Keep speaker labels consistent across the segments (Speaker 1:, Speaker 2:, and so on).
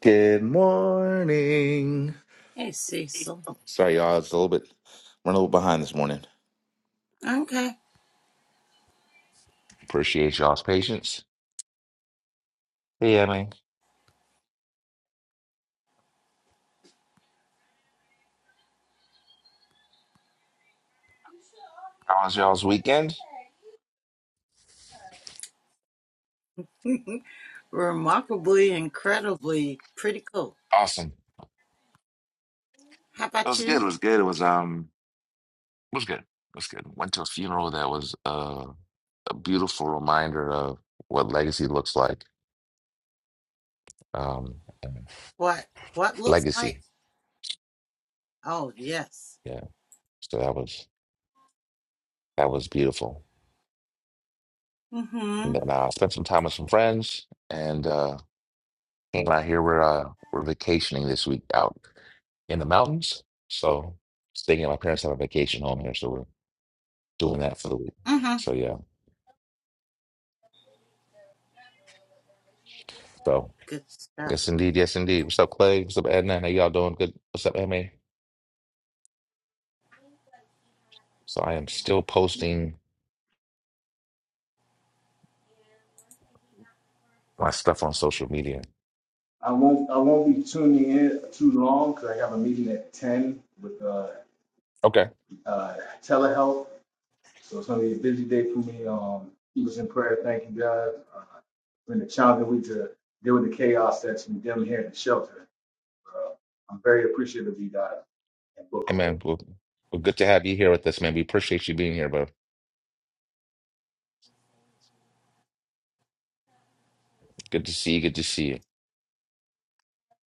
Speaker 1: Good morning.
Speaker 2: Hey, Cecil.
Speaker 1: Sorry, y'all. It's a little bit running a little behind this morning.
Speaker 2: Okay.
Speaker 1: Appreciate y'all's patience. Hey, Emmy. How was y'all's weekend?
Speaker 2: Remarkably, incredibly, pretty cool.
Speaker 1: Awesome.
Speaker 2: How
Speaker 1: It
Speaker 2: about
Speaker 1: was
Speaker 2: you?
Speaker 1: good. It was good. It was um. It was good. It was good. Went to a funeral that was uh, a beautiful reminder of what legacy looks like. Um, and
Speaker 2: What what looks like?
Speaker 1: legacy.
Speaker 2: Oh yes.
Speaker 1: Yeah. So that was that was beautiful.
Speaker 2: Mm-hmm.
Speaker 1: And then I uh, spent some time with some friends, and uh, came out here. We're uh, we're vacationing this week out. in the mountains. So staying at my parents have a vacation home here, so we're doing that for the week.
Speaker 2: Mm-hmm.
Speaker 1: So yeah. So
Speaker 2: Good stuff.
Speaker 1: yes indeed, yes indeed. What's up, Clay? What's up, Edna? How y'all doing? Good. What's up, Emma? So I am still posting my stuff on social media.
Speaker 3: I won't I won't be tuning in too long because I have a meeting at ten with uh,
Speaker 1: Okay.
Speaker 3: uh, telehealth, so it's gonna be a busy day for me. Um, keep us in prayer. Thank you, guys. Uh, it's been a challenging week to deal with the chaos that's been down here in the shelter. Uh, I'm very appreciative of you guys and book
Speaker 1: Hey
Speaker 3: club.
Speaker 1: man, well, well good to have you here with us, man. We appreciate you being here, bro. Good to see you, good to see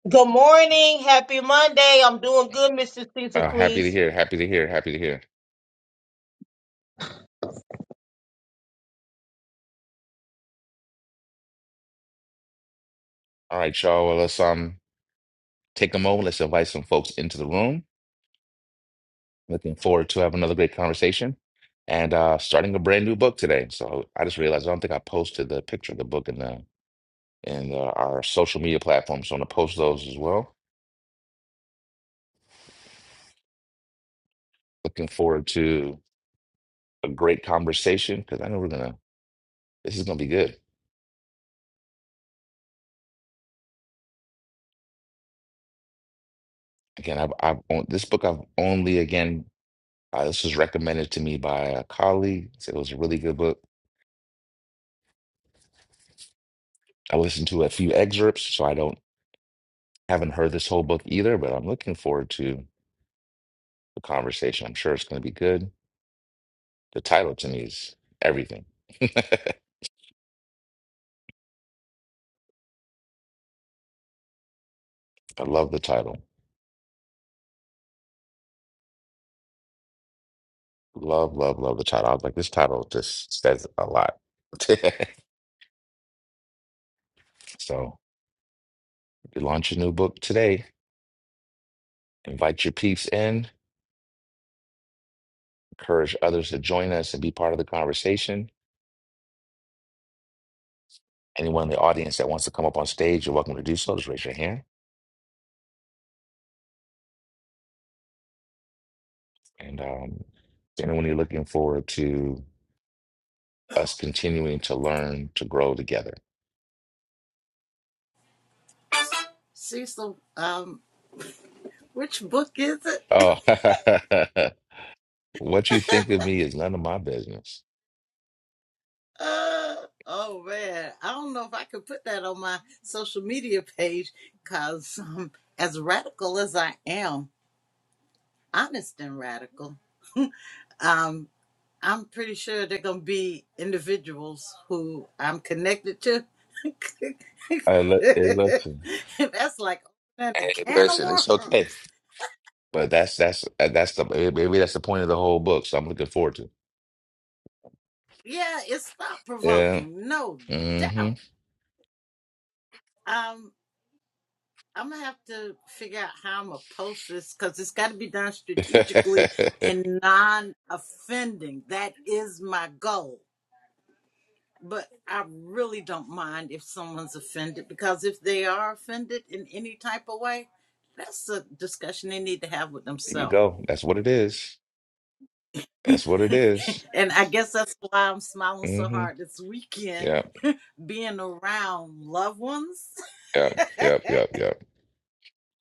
Speaker 4: Good morning. Happy Monday. I'm doing
Speaker 1: you.
Speaker 4: good, Mr. Caesar
Speaker 1: Uh, happy to
Speaker 4: Cleese.
Speaker 1: hear, happy to hear, happy to hear. All right, y'all. Well, let's um take a moment, let's invite some folks into the room. Looking forward to have another great conversation and uh, starting a brand new book today. So I just realized I don't think I posted the picture of the book in the in the, our social media platforms. So I'm gonna post those as well. Looking forward to a great conversation because I know we're gonna. This is gonna be good. Again, I've, I've owned this book. I've only again. Uh, this was recommended to me by a colleague. Said it was a really good book. I listened to a few excerpts, so I don't haven't heard this whole book either. But I'm looking forward to the conversation. I'm sure it's gonna be good The title to me is everything. I love the title. Love, love, love the title. I was like, this title just says a lot. So, you launch your new book today. Invite your peeps in. Encourage others to join us and be part of the conversation. Anyone in the audience that wants to come up on stage, you're welcome to do so. Just raise your hand. And um, anyone you're looking forward to us continuing to learn to grow together.
Speaker 2: Cecil, um, which book is it?
Speaker 1: Oh, what you think of me is none of my business.
Speaker 2: Uh oh man. I don't know if I could put that on my social media page because um as radical as I am, honest and radical. um I'm pretty sure they're gonna be individuals who I'm connected to.
Speaker 1: I li- hey, listen,
Speaker 2: That's like opening a
Speaker 1: Hey,
Speaker 2: can of
Speaker 1: listen, it's okay.
Speaker 2: worms.
Speaker 1: but that's that's uh, that's the eh, maybe that's the point of the whole book. So I'm looking forward to.
Speaker 2: Yeah, it's thought
Speaker 1: it.
Speaker 2: provoking, no
Speaker 1: Yeah. hmm
Speaker 2: doubt. Um, I'm gonna have to figure out how I'm gonna post this because it's got to be done strategically
Speaker 1: there
Speaker 2: and non offending. That is my goal. but I really don't mind if someone's offended because if they are offended in any type of way, that's a discussion they need to have with
Speaker 1: you
Speaker 2: themselves.
Speaker 1: go. That's what it is. That's what it is.
Speaker 2: and I guess that's why I'm smiling so
Speaker 1: Mm-hmm.
Speaker 2: hard this weekend,
Speaker 1: Yep.
Speaker 2: being around loved ones.
Speaker 1: Yep. Yep. Yep. Yep.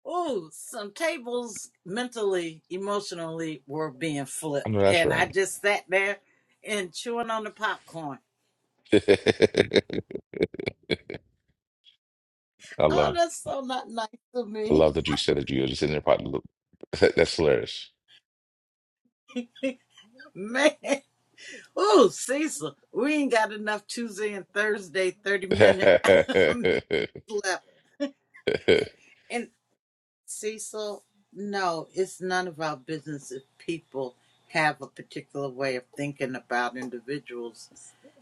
Speaker 2: oh, some tables mentally, emotionally were being
Speaker 1: I
Speaker 2: flipped.
Speaker 1: know that's
Speaker 2: And I
Speaker 1: right.
Speaker 2: just sat there and chewing on the popcorn.
Speaker 1: I
Speaker 2: Oh,
Speaker 1: love.
Speaker 2: that's so not nice to
Speaker 1: I
Speaker 2: me.
Speaker 1: love that you said that you were just in there probably. That's hilarious.
Speaker 2: Man. Oh, Cecil, we ain't got enough Tuesday and Thursday 30
Speaker 1: oh,
Speaker 2: minute meetings left. And Cecil, no, it's none of our business if people have a particular way of thinking about individuals.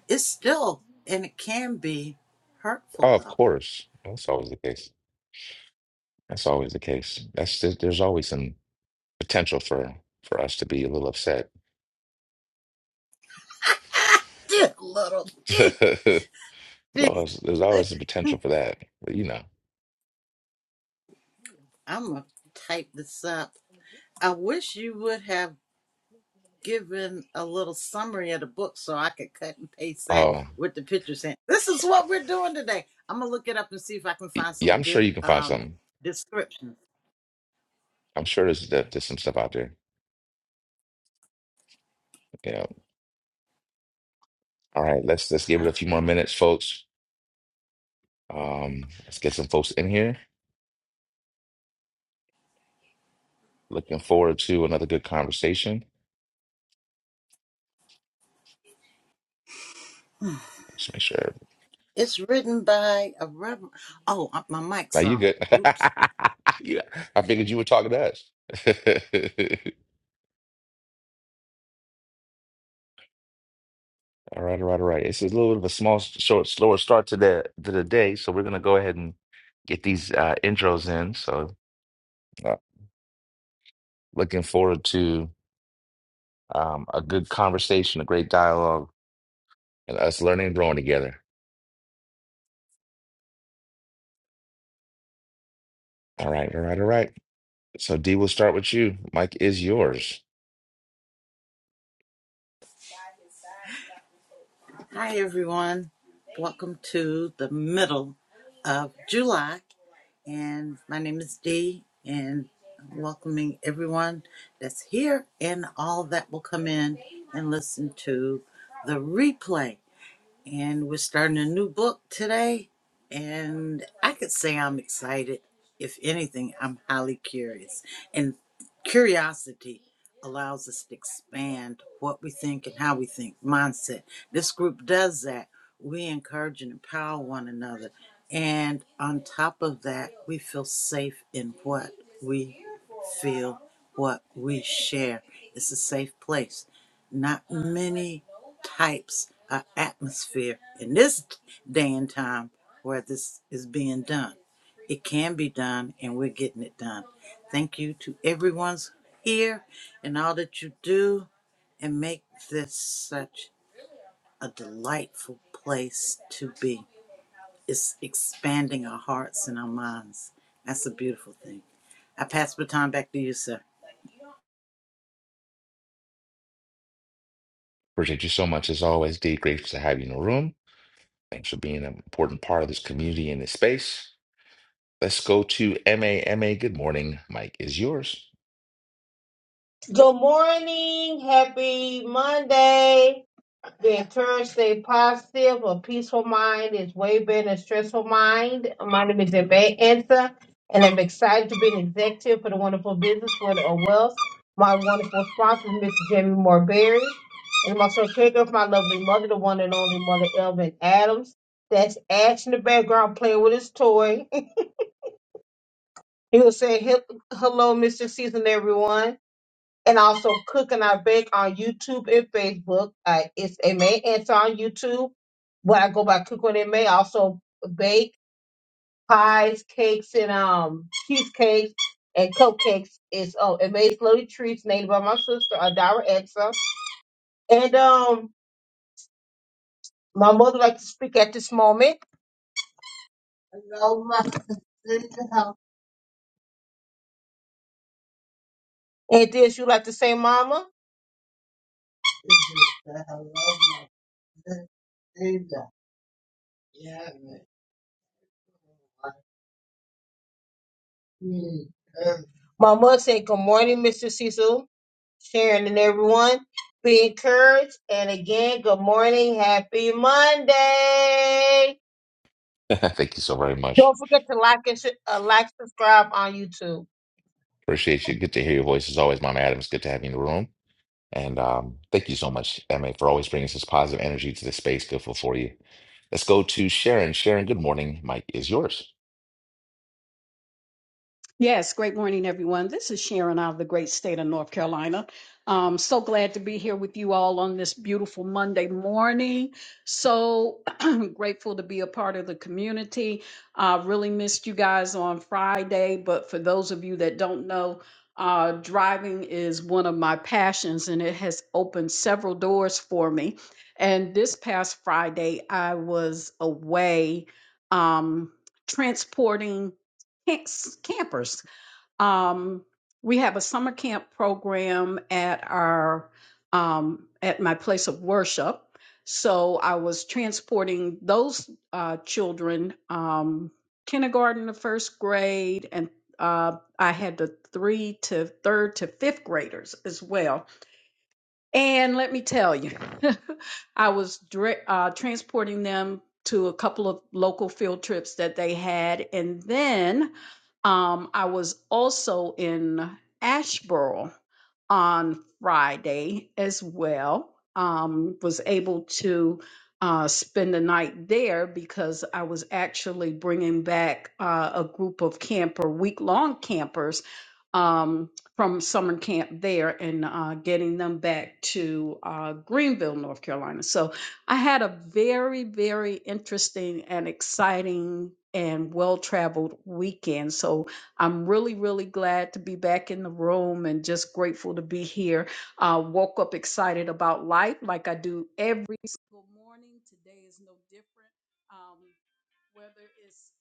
Speaker 2: It's still, and it can be hurtful
Speaker 1: of
Speaker 2: though.
Speaker 1: course. That's always the case. That's always the case. That's there's always some. potential for for us to be a little upset.
Speaker 2: Dear little, dear,
Speaker 1: There's
Speaker 2: dear.
Speaker 1: always, there's always the potential for that, but you know.
Speaker 2: I'm going to type this up. I wish you would have given a little summary of the book so I could cut and paste that
Speaker 1: Oh,
Speaker 2: with the pictures in. This is what we're doing today. I'm gonna look it up and see if I can find
Speaker 1: yeah,
Speaker 2: some
Speaker 1: I'm sure
Speaker 2: good
Speaker 1: you can find
Speaker 2: um
Speaker 1: something.
Speaker 2: descriptions.
Speaker 1: I'm sure there's there- there's some stuff out there. You know. All right, let's let's give it a few more
Speaker 2: Okay.
Speaker 1: minutes, folks. Um, let's get some folks in here. Looking forward to another good conversation. Just make sure.
Speaker 2: It's written by a reverend. Oh, uh, my
Speaker 1: Now
Speaker 2: mic's
Speaker 1: you
Speaker 2: on.
Speaker 1: good.
Speaker 2: Oops.
Speaker 1: You- I figured you were talking to us. All right, all right, all right. It's a little bit of a small, short, slower start to the to the day, so we're gonna go ahead and get these uh, intros in. So, uh, looking forward to um, a good conversation, a great dialogue, and us learning and growing together. All right, all right, all right. So, D, we'll start with you. Mike is yours.
Speaker 2: Hi, everyone. Welcome to the middle of July. And my name is Dee, and I'm welcoming everyone that's here and all that will come in and listen to the replay and we're starting a new book today. And I could say I'm excited. If anything, I'm highly curious. And curiosity allows us to expand what we think and how we think, mindset. This group does that. We encourage and empower one another. And on top of that, we feel safe in what we feel, what we share. It's a safe place. Not many types of atmosphere in this day and time where this is being done. It can be done, and we're getting it done. Thank you to everyone's here and all that you do and make this such a delightful place to be. It's expanding our hearts and our minds. That's a beautiful thing. I pass the baton back to you, sir.
Speaker 1: Appreciate you so much as always, D. Grateful to have you in the room. Thanks for being an important part of this community and this space. Let's go to M A M A. good morning. Mike is yours.
Speaker 4: Good morning. Happy Monday. Be encouraged, stay positive. A peaceful mind is way better than a stressful mind. My name is Ebe Ansa, and I'm excited to be an executive for the wonderful business for the Wealth. My wonderful sponsor is Mr. Jamie Morberry, and I'm also a caregiver for my lovely mother, the one and only mother, Elvin Adams. That's Ash in the background playing with his toy. He will say, "He- hello, Mr. Season, everyone. And also Cook and I Bake on YouTube and Facebook. Uh, it's a May Answer on YouTube, but I go by Cook when it may. I Also bake pies, cakes, and um cheesecakes and cupcakes. It's oh, it made slowly treats named by my sister Adara Exa. And um, my mother like to speak at this moment. Hello, my sister. And then she would like to say, Mama. Mm. Um, Mama said, good morning, Mr. Cecil, Sharon, and everyone. Be encouraged. And again, good morning. Happy Monday.
Speaker 1: Thank you so very much.
Speaker 4: Don't forget to like and sh- uh, like, subscribe on YouTube.
Speaker 1: Appreciate you. Good to hear your voice as always, Mama Adams. Good to have you in the room. And um, thank you so much, Emma, for always bringing this positive energy to the space. Grateful for for you. Let's go to Sharon. Sharon, good morning. Mike is yours.
Speaker 5: Yes, great morning, everyone. This is Sharon out of the great state of North Carolina. Um, so glad to be here with you all on this beautiful Monday morning. So grateful to be a part of the community. I really missed you guys on Friday, but for those of you that don't know, uh, driving is one of my passions and it has opened several doors for me. And this past Friday, I was away um, transporting camps- campers um, we have a summer camp program at our um, at my place of worship. So I was transporting those uh, children, um, kindergarten to first grade, and uh, I had the three to third to fifth graders as well and let me tell you, I was dra- uh, transporting them to a couple of local field trips that they had. And then um, I was also in Asheboro on Friday as well. Um, was able to uh, spend the night there because I was actually bringing back uh, a group of camper, week long campers Um, from summer camp there and uh, getting them back to uh, Greenville, North Carolina. So I had a very, very interesting and exciting and well traveled weekend. So I'm really, really glad to be back in the room and just grateful to be here. Uh, woke up excited about life like I do every single morning. Today is no different. Um, whether it's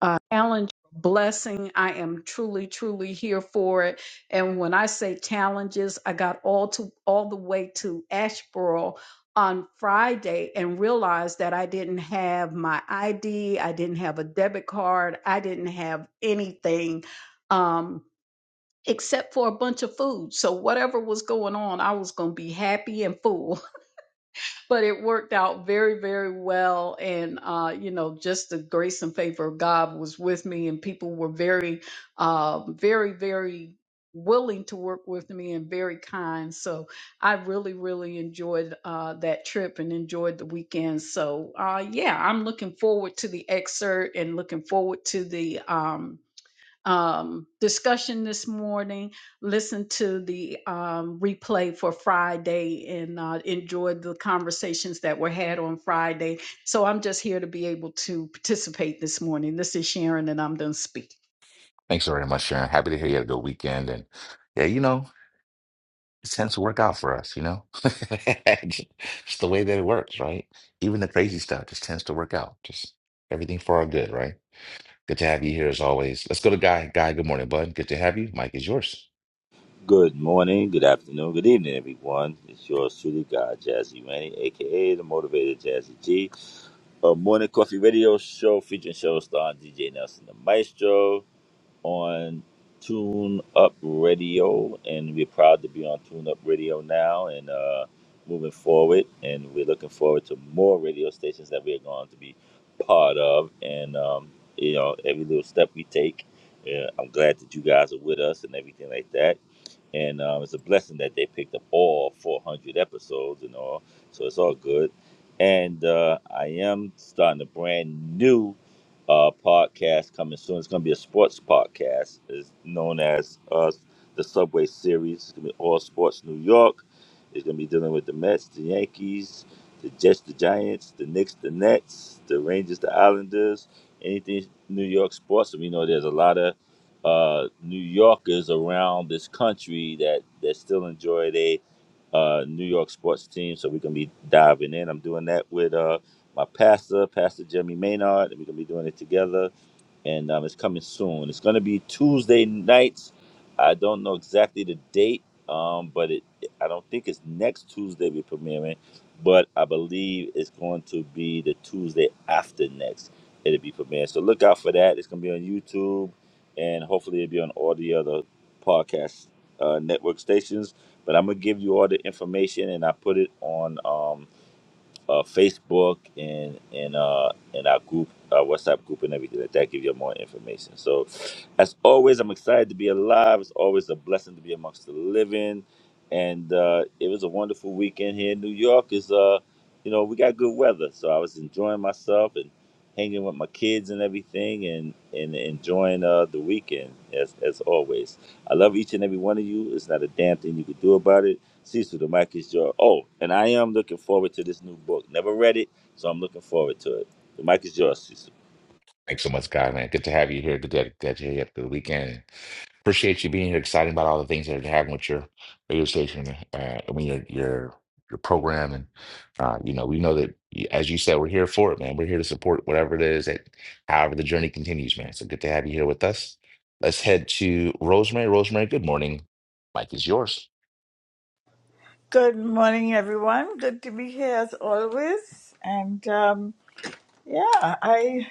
Speaker 5: a uh, challenge or blessing, I am truly, truly here for it. And when I say challenges, I got all to all the way to Asheboro on Friday and realized that I didn't have my ID, I didn't have a debit card, I didn't have anything. Um, except for a bunch of food. So whatever was going on, I was going to be happy and full but it worked out very, very well. And, uh, you know, just the grace and favor of God was with me, and people were very, uh, very, very willing to work with me and very kind. So I really, really enjoyed uh, that trip and enjoyed the weekend. So, uh, yeah, I'm looking forward to the excerpt and looking forward to the. um, um, discussion this morning. Listen to the um, replay for Friday and uh, enjoyed the conversations that were had on Friday. So I'm just here to be able to participate this morning. This is Sharon, and I'm done speaking.
Speaker 1: Thanks very much, Sharon. Happy to hear you had a good weekend. And yeah, you know, it tends to work out for us, you know? It's the way that it works, right? Even the crazy stuff just tends to work out. Just everything for our good, right? Good to have you here as always. Let's go to Guy. Guy, good morning, bud. Good to have you. Mike is yours.
Speaker 6: Good morning, good afternoon, good evening, everyone. It's yours truly, God Jazzy Randy, aka the Motivated Jazzy G. A morning coffee radio show featuring show star DJ Nelson the Maestro on Tune Up Radio, and we're proud to be on Tune Up Radio now and uh, moving forward. And we're looking forward to more radio stations that we're going to be part of. And um, you know, every little step we take, yeah, I'm glad that you guys are with us and everything like that and uh, it's a blessing that they picked up all 400 episodes and all, so it's all good. And uh, I am starting a brand new uh, podcast coming soon. It's going to be a sports podcast. It's known as uh, the Subway Series. It's going to be all sports New York. It's going to be dealing with the Mets, the Yankees, the Jets, the Giants, the Knicks, the Nets, the Rangers, the Islanders, anything New York sports. And we know there's a lot of uh, New Yorkers around this country that that still enjoy their uh, New York sports team. So we're gonna be diving in. I'm doing that with uh, my pastor, Pastor Jimmy Maynard, and we're gonna be doing it together and um, it's coming soon. It's going to be Tuesday nights. I don't know exactly the date, um, but it I don't think it's next Tuesday we're premiering, but I believe it's going to be the Tuesday after next. It'll be premiering. So look out for that. It's going to be on YouTube, and hopefully it'll be on all the other podcast uh, network stations. But I'm gonna give you all the information, and I put it on. Um, uh, Facebook and and uh, and our group, our WhatsApp group, and everything like that. Give you more information. So, as always, I'm excited to be alive. It's always a blessing to be amongst the living, and uh, it was a wonderful weekend here in New York. Is uh, you know, we got good weather, so I was enjoying myself hanging with my kids and everything and, and enjoying uh, the weekend as, as always. I love each and every one of you. It's not a damn thing you can do about it. Cecil, the mic is yours. Oh, and I am looking forward to this new book. Never read it, so I'm looking forward to it. The mic is yours, Cecil.
Speaker 1: Thanks so much, guy, man. Good to have you here. Good to glad you here after the weekend. Appreciate you being here. Exciting about all the things that are happening with your radio station. Uh, I mean, your your your program, and uh, you know, we know that as you said, we're here for it, man. We're here to support whatever it is that, however, the journey continues, man. So good to have you here with us. Let's head to Rosemary. Rosemary, good morning. Mike is yours.
Speaker 7: Good morning, everyone. Good to be here as always. And um, yeah, I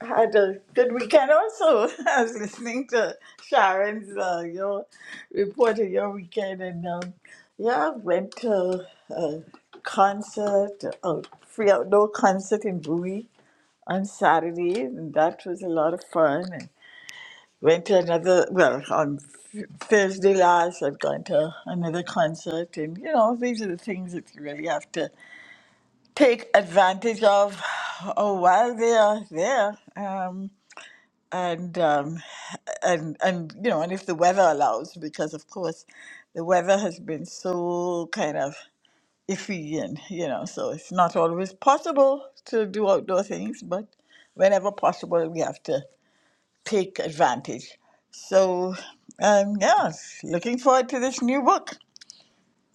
Speaker 7: had a good weekend also. I was listening to Sharon's uh, your report of your weekend, and um, yeah, went to a concert, a free outdoor concert in Bowie on Saturday, and that was a lot of fun. Went to another, well, on Thursday last, I'd gone to another concert. And, you know, these are the things that you really have to take advantage of oh, while they are there. Um, and, um, and, and, you know, and if the weather allows, because of course the weather has been so kind of iffy and, you know, so it's not always possible to do outdoor things, but whenever possible, we have to take advantage. So, um, yeah, looking forward to this new book.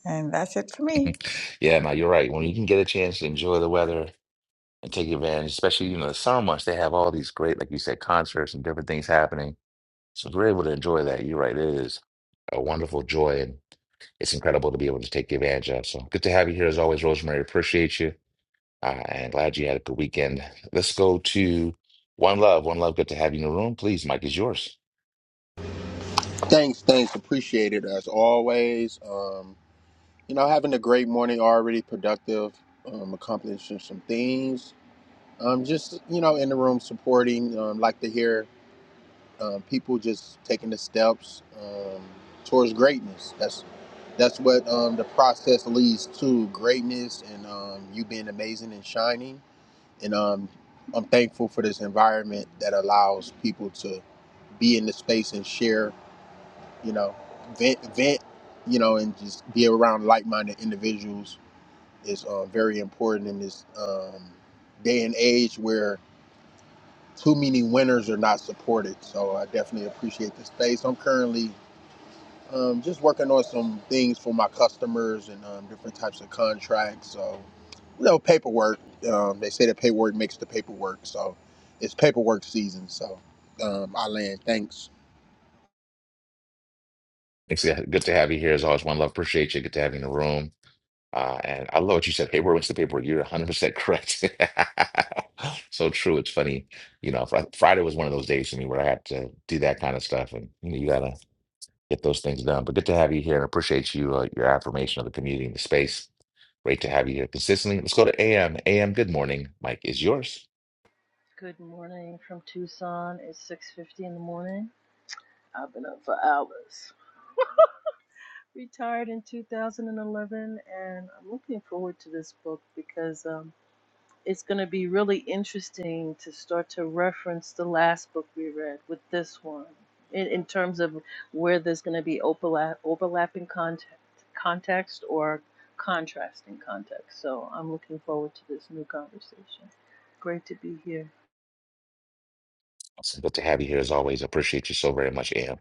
Speaker 7: And that's it for me.
Speaker 1: yeah, now you're right. When you can get a chance to enjoy the weather and take advantage, especially you know the summer months, they have all these great, like you said, concerts and different things happening So if we're able to enjoy that, you're right. It is a wonderful joy, and it's incredible to be able to take advantage of. So good to have you here as always, Rosemary. Appreciate you, uh, and glad you had a good weekend. Let's go to One Love. One Love, good to have you in the room. Please, Mike is yours.
Speaker 8: Thanks, thanks. Appreciate it as always. Um, you know, having a great morning already, productive, um, accomplishing some things. Um, just, you know, in the room supporting, um, like to hear um, people just taking the steps um, towards greatness. That's that's what um, the process leads to greatness and um, you being amazing and shining. And um, I'm thankful for this environment that allows people to be in the space and share you know vent vent you know and just be around like-minded individuals is uh, very important in this um, day and age where too many winners are not supported so i definitely appreciate the space i'm currently um, just working on some things for my customers and um, different types of contracts so you know paperwork um, they say that paperwork makes the paperwork so it's paperwork season so um, i land thanks
Speaker 1: Thanks. yeah, Good to have you here as always. One Love, appreciate you. Good to have you in the room. Uh, and I love what you said. Paperwork, what's the paperwork? You're 100% correct. so true. It's funny. You know, Fri- Friday was one of those days for me where I had to do that kind of stuff. And you know, get those things done. But good to have you here and appreciate you, uh, your affirmation of the community and the space. Great to have you here consistently. Let's go to AM. AM, good morning. Mike is yours.
Speaker 9: Good morning from Tucson. It's 6:50 in the morning. I've been up for hours. Retired in 2011 and I'm looking forward to this book because um it's going to be really interesting to start to reference the last book we read with this one in, in terms of where there's going to be overlap, overlapping context, context or contrasting context. So I'm looking forward to this new conversation. Great to be here.
Speaker 1: Awesome. Good to have you here as always. Appreciate you so very much, AM.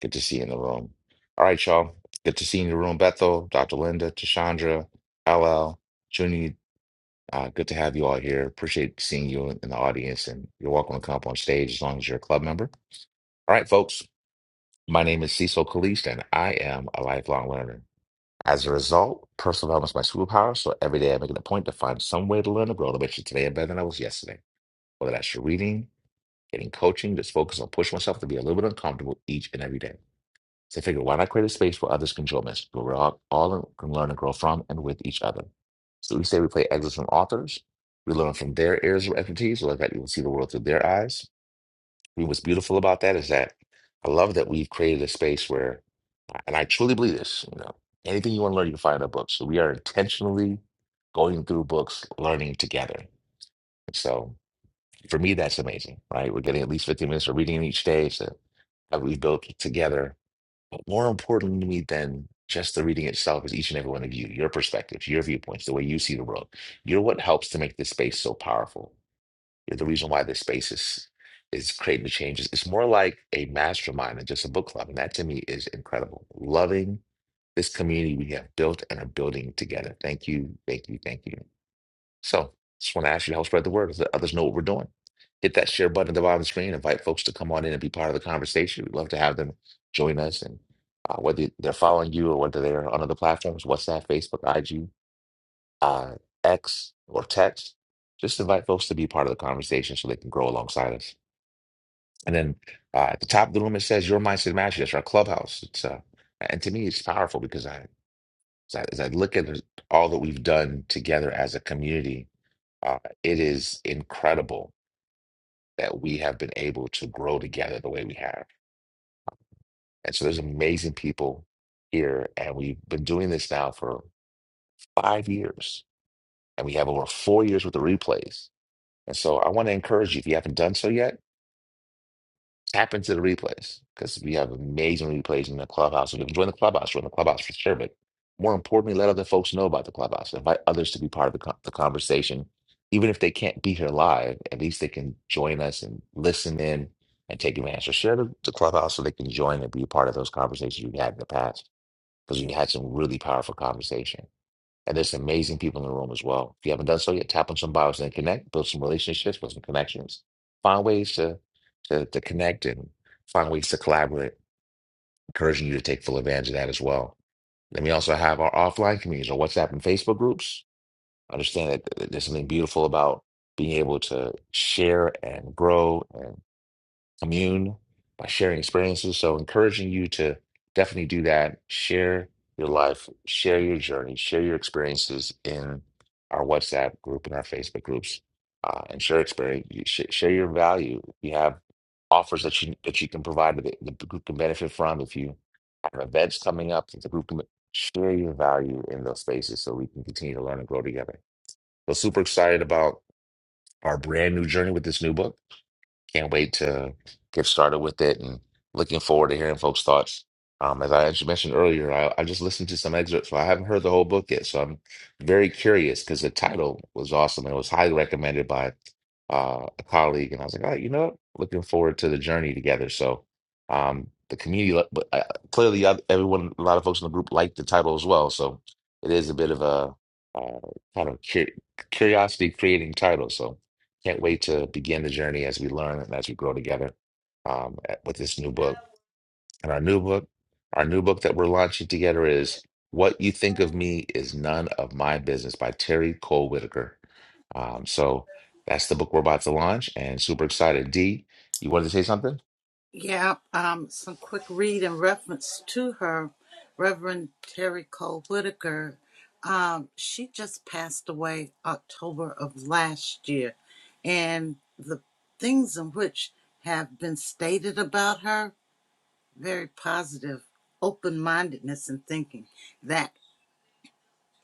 Speaker 1: Good to see you in the room. All right, y'all. Good to see you in the room, Bethel, Dr. Linda, Tashandra, LL, Junie. Uh, good to have you all here. Appreciate seeing you in the audience, and you're welcome to come up on stage as long as you're a club member. All right, folks. My name is Cecil Kalist, and I am a lifelong learner. As a result, personal development is my superpower, so every day I make it a point to find some way to learn and grow to make sure today I'm better than I was yesterday. Whether that's your reading, getting coaching, just focus on pushing myself to be a little bit uncomfortable each and every day. So I figure, why not create a space where others can join us, where we're all, all can learn and grow from and with each other. So each day we play excerpts from authors. We learn from their areas of expertise, so like that you can see the world through their eyes. I mean, what's beautiful about that is that I love that we've created a space where and I truly believe this. You know, anything you want to learn, you can find in a book. So we are intentionally going through books, learning together. So for me, that's amazing, right? We're getting at least 15 minutes of reading each day so that we built together. But more important to me than just the reading itself is each and every one of you, your perspectives, your viewpoints, the way you see the world. You're what helps to make this space so powerful. You're the reason why this space is is creating the changes. It's more like a mastermind than just a book club. And that to me is incredible. Loving this community we have built and are building together. Thank you, thank you, thank you. So just want to ask you to help spread the word so that others know what we're doing. Hit that share button at the bottom of the screen. Invite folks to come on in and be part of the conversation. We'd love to have them join us. And uh, whether they're following you or whether they're on other platforms, WhatsApp, Facebook, IG, uh, X, or text, just invite folks to be part of the conversation so they can grow alongside us. And then uh, at the top of the room, it says "Your Mindset Matters." That's our clubhouse. It's uh, and to me, it's powerful because I so as I look at all that we've done together as a community, uh, it is incredible that we have been able to grow together the way we have. And so there's amazing people here, and we've been doing this now for five years, and we have over four years with the replays. And so I want to encourage you, if you haven't done so yet, Tap into the replays because we have amazing replays in the clubhouse. So if you can join the clubhouse, join the clubhouse for sure. But more importantly, let other folks know about the clubhouse. Invite others to be part of the, co- the conversation. Even if they can't be here live, at least they can join us and listen in and take advantage. So share the, the clubhouse so they can join and be a part of those conversations you had in the past because we had some really powerful conversations. And there's amazing people in the room as well. If you haven't done so yet, tap on some bios and connect, build some relationships, build some connections, find ways to to, to connect and find ways to collaborate. Encouraging you to take full advantage of that as well. Then we also have our offline communities, our WhatsApp and Facebook groups. Understand that there's something beautiful about being able to share and grow and commune by sharing experiences. So, encouraging you to definitely do that. Share your life, share your journey, share your experiences in our WhatsApp group and our Facebook groups, uh, and share experience. you sh- Share your value. We have offers that you that you can provide that the the group can benefit from. If you have events coming up, that the group can share your value in those spaces so we can continue to learn and grow together. So, super excited about our brand new journey with this new book can't wait to get started with it and looking forward to hearing folks' thoughts. Um, as I actually mentioned earlier, I, I just listened to some excerpts, so I haven't heard the whole book yet. So I'm very curious because the title was awesome and it was highly recommended by uh, a colleague. And I was like, all right, you know what? Looking forward to the journey together. So um, the community, lo- but uh, clearly oth- everyone, a lot of folks in the group liked the title as well. So it is a bit of a uh, kind of cur curiosity creating title. So can't wait to begin the journey as we learn and as we grow together um, at- with this new book. And our new book, our new book that we're launching together is "What You Think of Me Is None of My Business" by Terry Cole Whitaker. Um, so that's the book we're about to launch, and super excited. D, you wanted to say something?
Speaker 2: Yeah, um, some quick read in reference to her, Reverend Terry Cole Whitaker. Um, she just passed away October of last year, and the things in which have been stated about her very positive, open mindedness and thinking that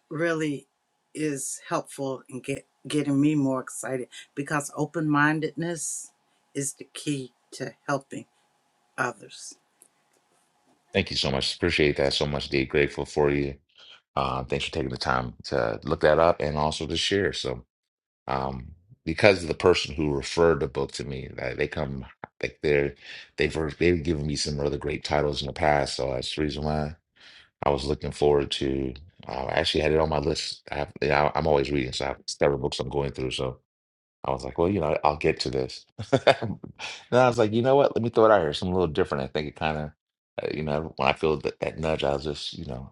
Speaker 2: really is helpful in get getting me more excited because open mindedness is the key to helping others.
Speaker 1: Thank you so much. Appreciate that so much, D. Grateful for you. Uh, thanks for taking the time to look that up and also to share. So. um, because of the person who referred the book to me. That they come like they're they've they've given me some other great titles in the past, so that's the reason why I was looking forward to. Uh, I actually had it on my list. I have, you know, I'm always reading, so I have several books I'm going through. So I was like, well, you know, I'll get to this. and I was like, you know what? Let me throw it out here. Something a little different. I think it kind of, uh, you know, when I feel that, that nudge, I'll just, you know,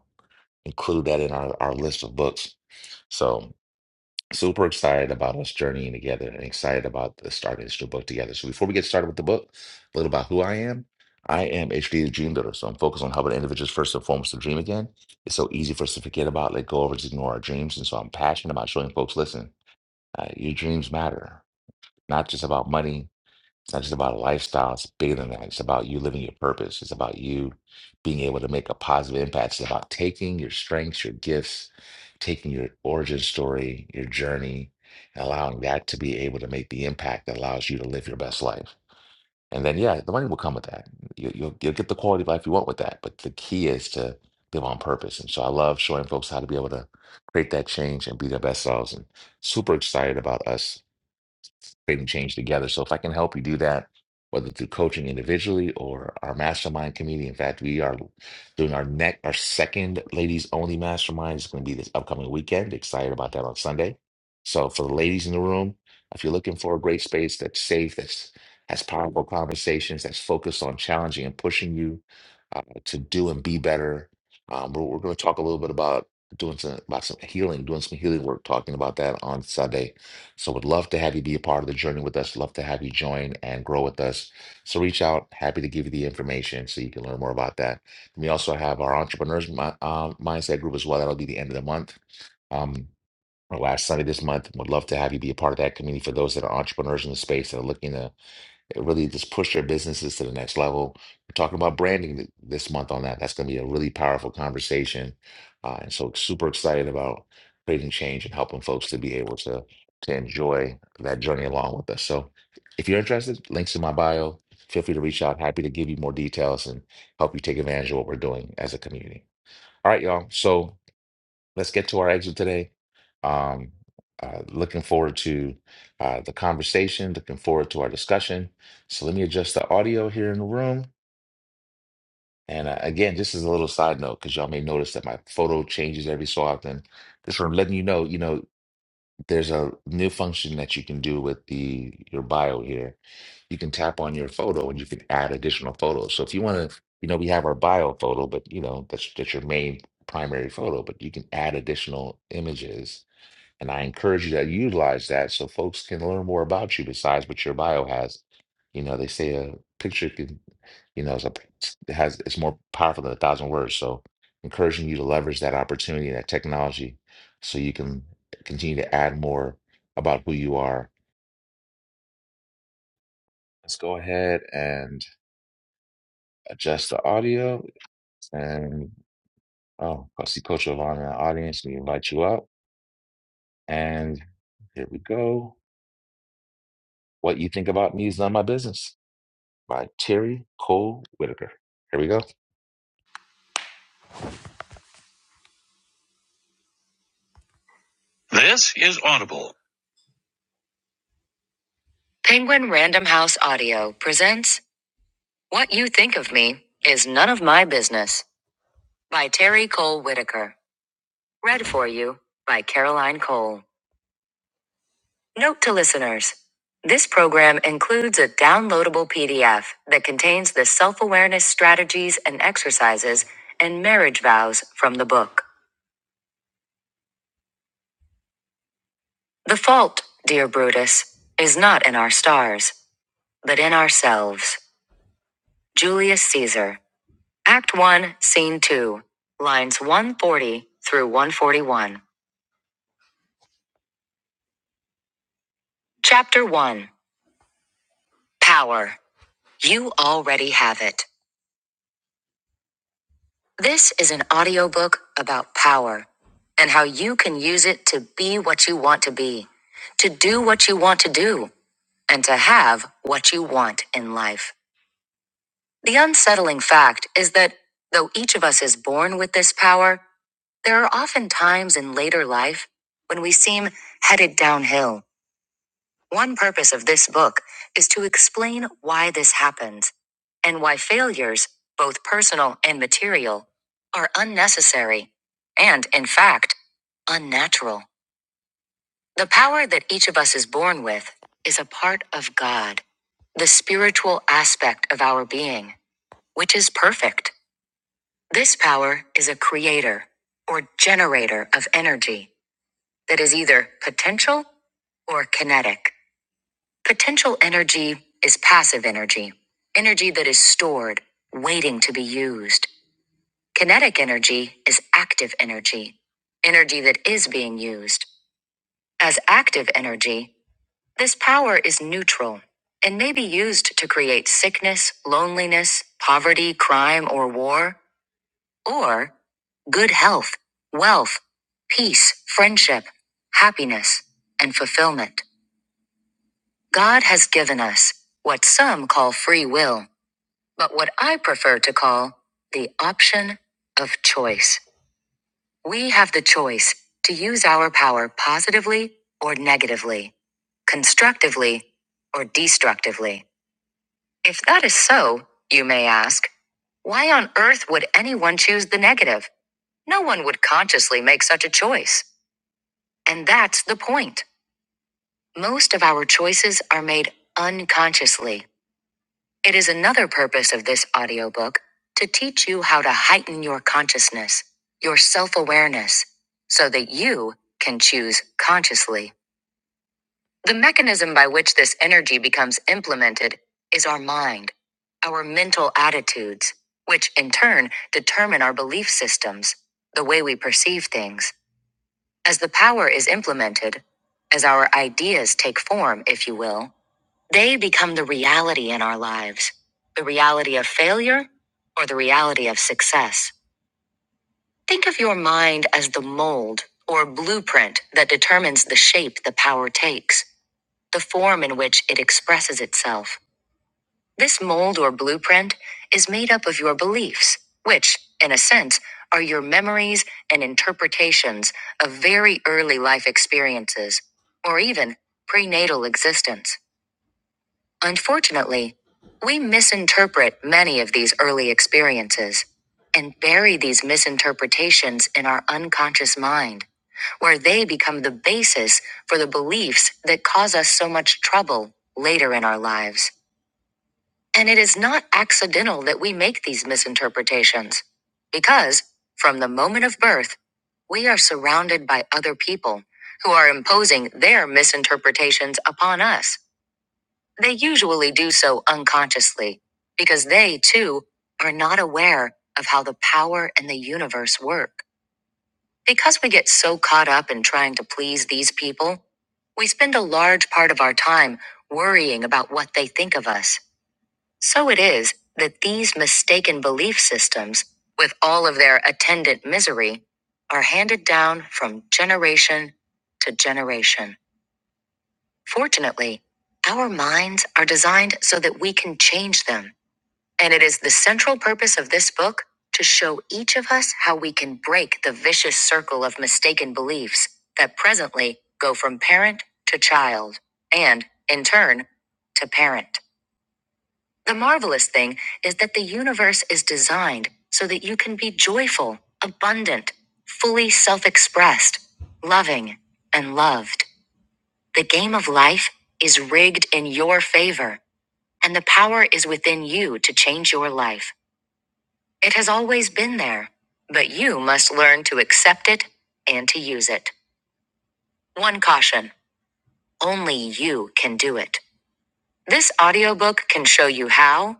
Speaker 1: include that in our, our list of books. So Super excited about us journeying together and excited about the starting this new book together. So before we get started with the book, a little about who I am. I am HD the Dream Builder, so I'm focused on helping individuals first and foremost to dream again. It's so easy for us to forget about, let go of, or just ignore our dreams. And so I'm passionate about showing folks, listen, uh, your dreams matter, not just about money, it's not just about a lifestyle. It's bigger than that. It's about you living your purpose. It's about you being able to make a positive impact. It's about taking your strengths, your gifts, taking your origin story, your journey, and allowing that to be able to make the impact that allows you to live your best life. And then, yeah, the money will come with that. You, you'll, you'll get the quality of life you want with that. But the key is to live on purpose. And so I love showing folks how to be able to create that change and be their best selves. And super excited about us creating change together. So if I can help you do that, whether through coaching individually or our mastermind community. in fact, we are doing our next, our second ladies only mastermind is going to be this upcoming weekend. Excited about that on Sunday. So for the ladies in the room, if you're looking for a great space that's safe, that's has powerful conversations, that's focused on challenging and pushing you uh, to do and be better. Um, we're, we're going to talk a little bit about doing some about some healing, doing some healing work, talking about that on Sunday so would love to have you be a part of the journey with us. Love to have you join and grow with us. So reach out. Happy to give you the information so you can learn more about that. We also have our entrepreneurs mi- um, mindset group as well. That'll be the end of the month. Um, or last Sunday this month. Would love to have you be a part of that community for those that are entrepreneurs in the space that are looking to that really just push their businesses to the next level. We're talking about branding th- this month on that. That's going to be a really powerful conversation. Uh, and so, super excited about creating change and helping folks to be able to, to enjoy that journey along with us. So, if you're interested, links in my bio. Feel free to reach out. Happy to give you more details and help you take advantage of what we're doing as a community. All right, y'all. So, let's get to our exit today. Um, uh, looking forward to uh, the conversation, looking forward to our discussion. So let me adjust the audio here in the room. And uh, again, just as a little side note, because y'all may notice that my photo changes every so often. Just from letting you know, you know, there's a new function that you can do with the your bio here. You can tap on your photo and you can add additional photos. So if you want to, you know, we have our bio photo, but you know, that's that's your main primary photo, but you can add additional images and I encourage you to utilize that so folks can learn more about you besides what your bio has. You know, they say a picture can, you know, is a, has it's more powerful than a thousand words. So, encouraging you to leverage that opportunity, and that technology, so you can continue to add more about who you are. Let's go ahead and adjust the audio. And oh, I see Coach Yvonne in the audience. We invite you up. And here we go. What you think about me is none of my business. by Terry Cole Whitaker. Here we go. This is Audible. Penguin Random House Audio presents What You Think of Me Is None of My Business by Terry Cole Whitaker. Read for you by Caroline Cole. Note to listeners this program includes a downloadable PDF that contains the self awareness strategies and exercises and marriage vows from the book. The fault, dear Brutus, is not in our stars, but in ourselves. Julius Caesar. Act 1, Scene 2. Lines 140 through 141. Chapter 1 Power. You already have it. This is an audiobook about power and how you can use it to be what you want to be, to do what you want to do, and to have what you want in life. The unsettling fact is that though each of us is born with this power, There are often times in later life when we seem headed downhill. One purpose of this book is to explain why this happens and why failures, both personal and material, are unnecessary and, in fact, unnatural. The power that each of us is born with is a part of God, the spiritual aspect of our being, which is perfect. This power is a creator or generator of energy that is either potential or kinetic. Potential energy is passive energy, energy that is stored, waiting to be used. Kinetic energy is active energy, energy that is being used. As active energy, this power is neutral and may be used to create sickness, loneliness, poverty, crime, or war, or good health, wealth, peace, friendship, happiness, and fulfillment. God has given us what some call free will, but what I prefer to call the option of choice. We have the choice to use our power positively or negatively, constructively or destructively. If that is so, you may ask, why on earth would anyone choose the negative? No one would consciously make such a choice. And that's the point. Most of our choices are made unconsciously It is another purpose of this audiobook to teach you how to heighten your consciousness, your self awareness, so that you can choose consciously. The mechanism by which this energy becomes implemented is our mind, our mental attitudes, which in turn determine our belief systems, the way we perceive things. As the power is implemented, as our ideas take form, if you will, they become the reality in our lives the reality of failure or the reality of success. Think of your mind as the mold or blueprint that determines the shape the power takes, the form in which it expresses itself. This mold or blueprint is made up of your beliefs, which, in a sense, are your memories and interpretations of very early life experiences, or even prenatal existence. Unfortunately, we misinterpret many of these early experiences and bury these misinterpretations in our unconscious mind, where they become the basis for the beliefs that cause us so much trouble later in our lives. And it is not accidental that we make these misinterpretations, because from the moment of birth, we are surrounded by other people who are imposing their misinterpretations upon us. They usually do so unconsciously because they, too, are not aware of how the power and the universe work. Because we get so caught up in trying to please these people, we spend a large part of our time worrying about what they think of us. So it is that these mistaken belief systems, with all of their attendant misery, are handed down from generation to generation. Fortunately, our minds are designed so that we can change them. And it is the central purpose of this book to show each of us how we can break the vicious circle of mistaken beliefs that presently go from parent to child, and, in turn, to parent. The marvelous thing is that the universe is designed so that you can be joyful, abundant, fully self expressed, loving, and loved. The game of life is rigged in your favor, and the power is within you to change your life. It has always been there, but you must learn to accept it and to use it. One caution only you can do it. This audiobook can show you how,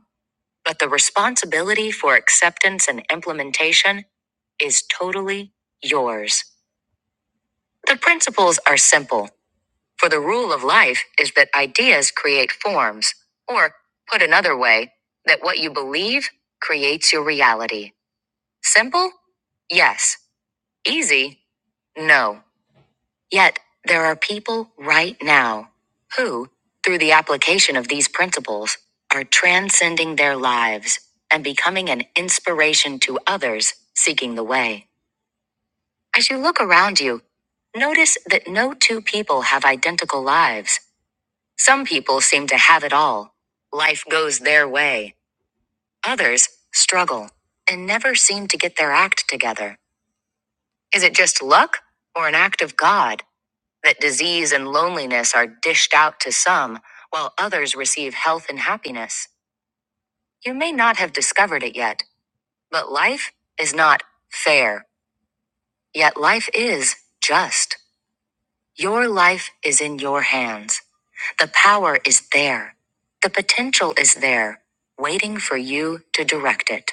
Speaker 1: but the responsibility for acceptance and implementation is totally yours. The principles are simple For the rule of life is that ideas create forms, or, put another way, that what you believe creates your reality. Simple? Yes. Easy? No. Yet, there are people right now who, through the application of these principles, are transcending their lives and becoming an inspiration to others seeking the way. As you look around you, notice that no two people have identical lives. Some people seem to have it all. Life goes their way. Others struggle and never seem to get their act together. Is it just luck or an act of God that disease and loneliness are dished out to some while others receive health and happiness? You may not have discovered it yet, but life is not fair. Yet life is just. Your life is in your hands. The power is there. The potential is there, waiting for you to direct it.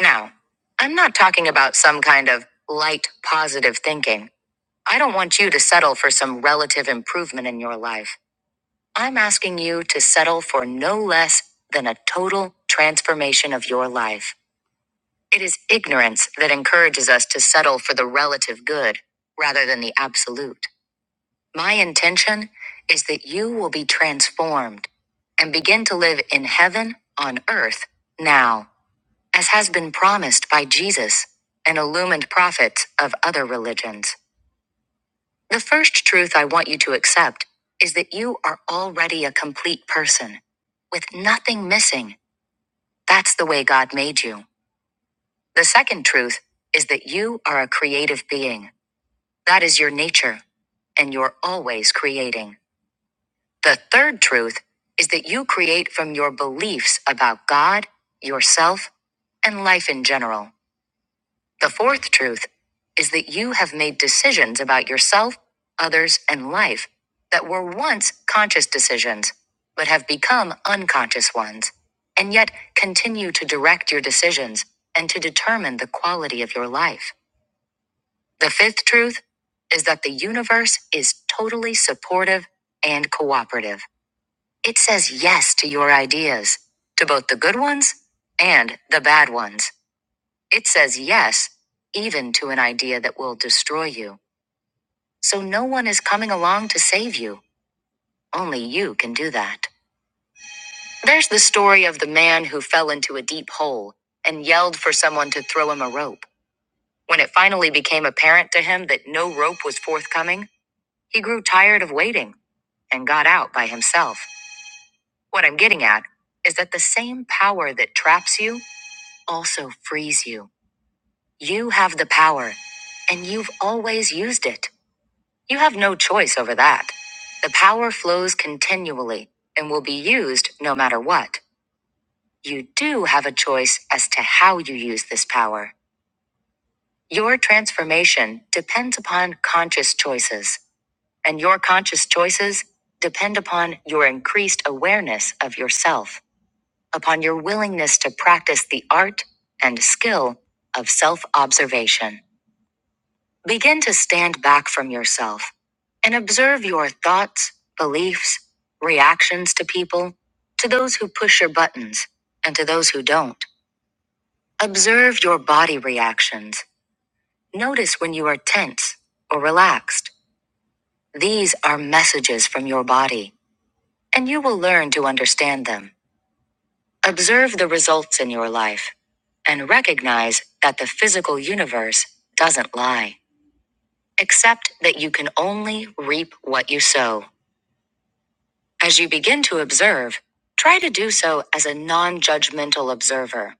Speaker 1: Now, I'm not talking about some kind of light positive thinking. I don't want you to settle for some relative improvement in your life. I'm asking you to settle for no less than a total transformation of your life. It is ignorance that encourages us to settle for the relative good rather than the absolute. My intention is that you will be transformed and begin to live in heaven on earth now, as has been promised by Jesus and illumined prophets of other religions. The first truth I want you to accept is that you are already a complete person with nothing missing. That's the way God made you. The second truth is that you are a creative being. That is your nature, and you're always creating. The third truth is that you create from your beliefs about God, yourself, and life in general. The fourth truth is that you have made decisions about yourself, others, and life that were once conscious decisions, but have become unconscious ones, and yet continue to direct your decisions and to determine the quality of your life. The fifth truth is that the universe is totally supportive and cooperative. It says yes to your ideas, to both the good ones and the bad ones. It says yes, even to an idea that will destroy you. So no one is coming along to save you. Only you can do that. There's the story of the man who fell into a deep hole and yelled for someone to throw him a rope. When it finally became apparent to him that no rope was forthcoming, he grew tired of waiting and got out by himself. What I'm getting at is that the same power that traps you also frees you. You have the power, and you've always used it. You have no choice over that. The power flows continually and will be used no matter what. You do have a choice as to how you use this power. Your transformation depends upon conscious choices, and your conscious choices depend upon your increased awareness of yourself, upon your willingness to practice the art and skill of self observation. Begin to stand back from yourself and observe your thoughts, beliefs, reactions to people, to those who push your buttons, and to those who don't. Observe your body reactions. Notice when you are tense or relaxed. These are messages from your body, and you will learn to understand them. Observe the results in your life and recognize that the physical universe doesn't lie, Accept that you can only reap what you sow. As you begin to observe, try to do so as a non judgmental observer.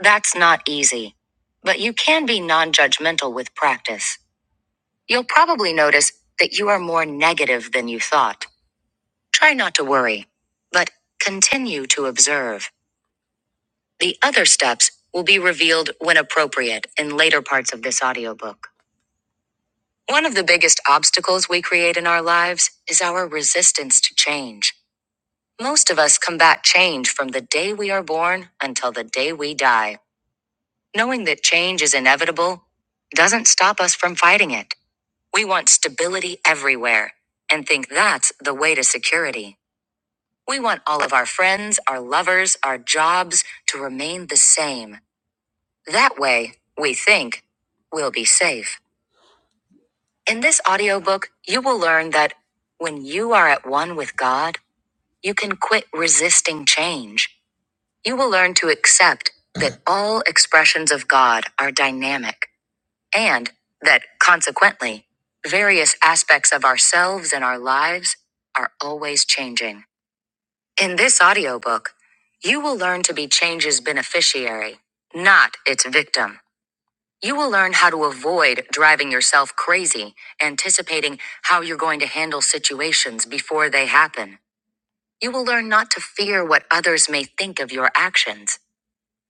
Speaker 1: That's not easy, but you can be non judgmental with practice. You'll probably notice that you are more negative than you thought. Try not to worry, but continue to observe. The other steps will be revealed when appropriate in later parts of this audiobook. One of the biggest obstacles we create in our lives is our resistance to change. Most of us combat change from the day we are born until the day we die. Knowing that change is inevitable doesn't stop us from fighting it. We want stability everywhere and think that's the way to security. We want all of our friends, our lovers, our jobs to remain the same. That way, we think, we'll be safe. In this audiobook, you will learn that when you are at one with God, you can quit resisting change. You will learn to accept that all expressions of God are dynamic and that, consequently, various aspects of ourselves and our lives are always changing. In this audiobook, you will learn to be change's beneficiary, not its victim. You will learn how to avoid driving yourself crazy, anticipating how you're going to handle situations before they happen. You will learn not to fear what others may think of your actions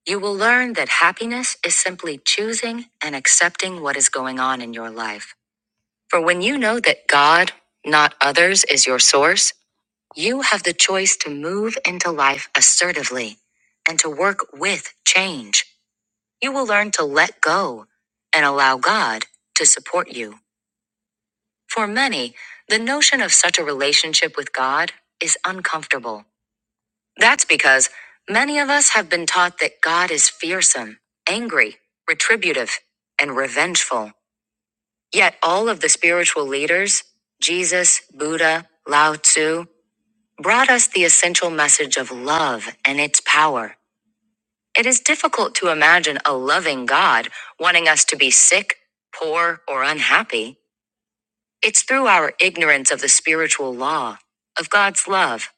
Speaker 1: you will learn that happiness is simply choosing and accepting what is going on in your life. For when you know that God, not others, is your source, you have the choice to move into life assertively and to work with change. You will learn to let go and allow God to support you. For many, the notion of such a relationship with God is uncomfortable that's because many of us have been taught that God is fearsome, angry, retributive, and revengeful. Yet all of the spiritual leaders, Jesus, Buddha, Lao Tzu, brought us the essential message of love and its power. It is difficult to imagine a loving God wanting us to be sick, poor, or unhappy. It's through our ignorance of the spiritual law, of God's love,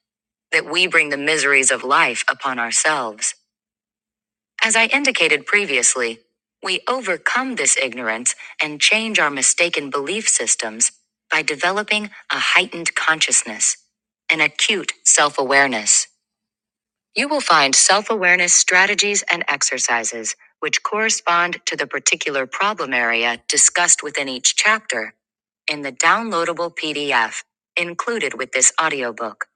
Speaker 1: that we bring the miseries of life upon ourselves. As I indicated previously, we overcome this ignorance and change our mistaken belief systems by developing a heightened consciousness, an acute self awareness. You will find self awareness strategies and exercises which correspond to the particular problem area discussed within each chapter in the downloadable PDF included with this audiobook.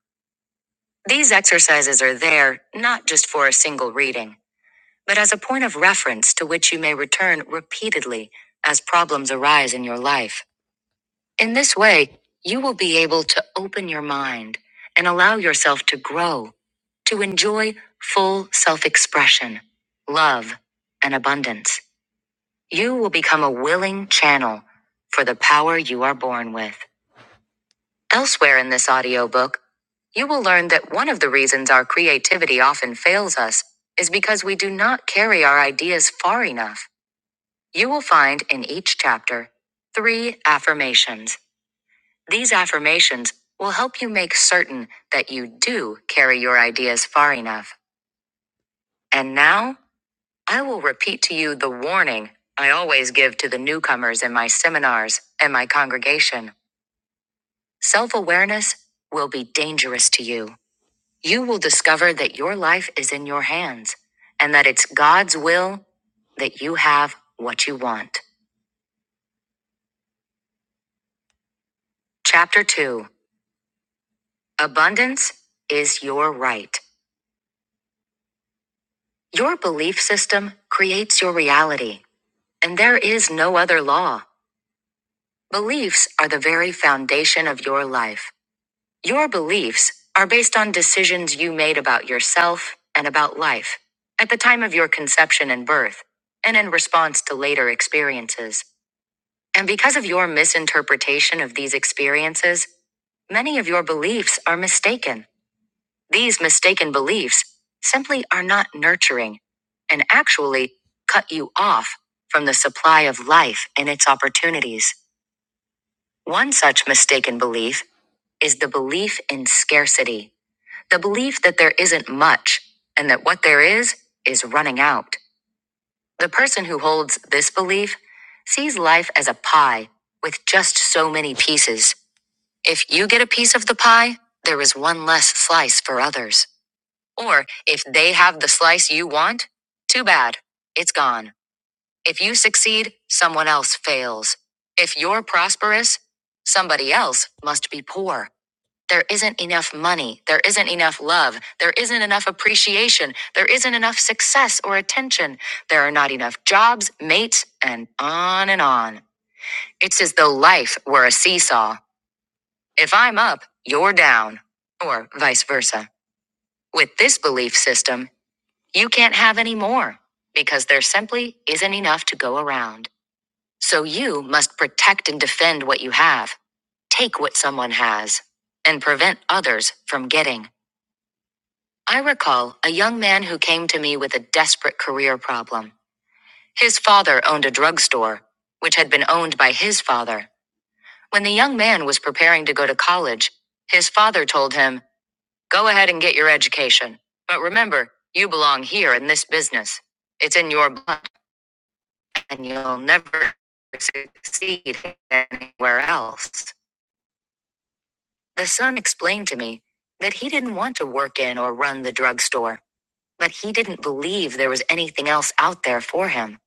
Speaker 1: These exercises are there not just for a single reading but as a point of reference to which you may return repeatedly as problems arise in your life. In this way, you will be able to open your mind and allow yourself to grow, to enjoy full self expression, love, and abundance. You will become a willing channel for the power you are born with. Elsewhere in this audiobook, you will learn that one of the reasons our creativity often fails us is because we do not carry our ideas far enough you will find in each chapter three affirmations. These affirmations will help you make certain that you do carry your ideas far enough. And now, I will repeat to you the warning I always give to the newcomers in my seminars and my congregation. Self awareness will be dangerous to you. You will discover that your life is in your hands and that it's God's will that you have what you want. Chapter 2 Abundance is your right. Your belief system creates your reality, and there is no other law. Beliefs are the very foundation of your life. Your beliefs are based on decisions you made about yourself and about life at the time of your conception and birth, and in response to later experiences. And because of your misinterpretation of these experiences, many of your beliefs are mistaken. These mistaken beliefs simply are not nurturing and actually cut you off from the supply of life and its opportunities. One such mistaken belief is the belief in scarcity, the belief that there isn't much and that what there is is running out. The person who holds this belief sees life as a pie with just so many pieces. If you get a piece of the pie, there is one less slice for others. Or, if they have the slice you want, too bad. It's gone. If you succeed, someone else fails. If you're prosperous, somebody else must be poor. There isn't enough money. There isn't enough love. There isn't enough appreciation. There isn't enough success or attention. There are not enough jobs, mates, and on and on. It's as though life were a seesaw. If I'm up, you're down, or vice versa. With this belief system, you can't have any more because there simply isn't enough to go around. So you must protect and defend what you have, take what someone has, and prevent others from getting. I recall a young man who came to me with a desperate career problem. His father owned a drugstore, which had been owned by his father. When the young man was preparing to go to college, his father told him, Go ahead and get your education. But remember, you belong here in this business. It's in your blood. and you'll never succeed anywhere else. The son explained to me that he didn't want to work in or run the drugstore, but he didn't believe there was anything else out there for him.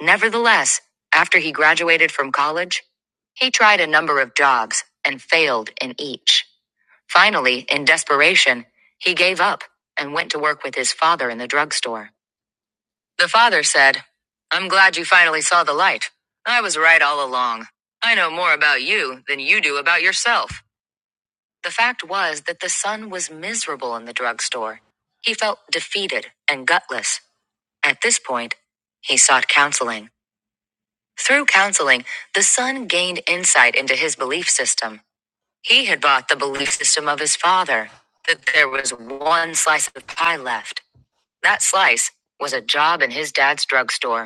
Speaker 1: Nevertheless, after he graduated from college, he tried a number of jobs and failed in each. Finally, in desperation, he gave up and went to work with his father in the drugstore. The father said, I'm glad you finally saw the light. I was right all along. I know more about you than you do about yourself. The fact was that the son was miserable in the drugstore. He felt defeated and gutless. At this point, he sought counseling. Through counseling, the son gained insight into his belief system. He had bought the belief system of his father that there was one slice of pie left. That slice was a job in his dad's drugstore.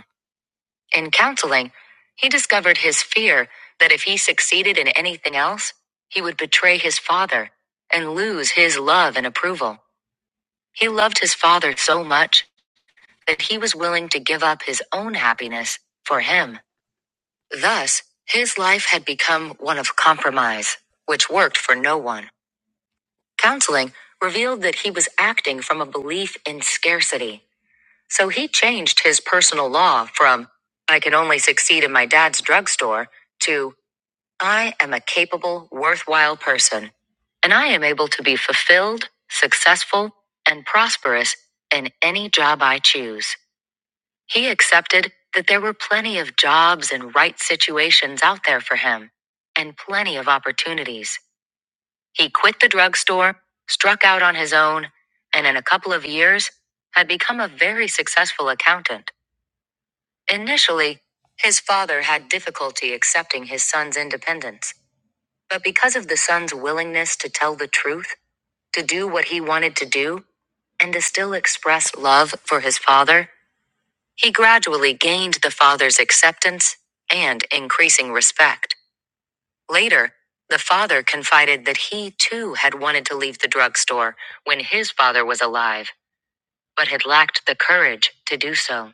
Speaker 1: In counseling, he discovered his fear that if he succeeded in anything else, he would betray his father and lose his love and approval. He loved his father so much that he was willing to give up his own happiness for him. Thus, his life had become one of compromise, which worked for no one. Counseling revealed that he was acting from a belief in scarcity. So he changed his personal law from, I can only succeed in my dad's drugstore, to, I am a capable, worthwhile person, and I am able to be fulfilled, successful, and prosperous in any job I choose. He accepted that there were plenty of jobs and right situations out there for him, and plenty of opportunities. He quit the drugstore, struck out on his own, and in a couple of years had become a very successful accountant. Initially, his father had difficulty accepting his son's independence, but because of the son's willingness to tell the truth, to do what he wanted to do, and to still express love for his father, he gradually gained the father's acceptance and increasing respect. Later, the father confided that he too had wanted to leave the drugstore when his father was alive, but had lacked the courage to do so.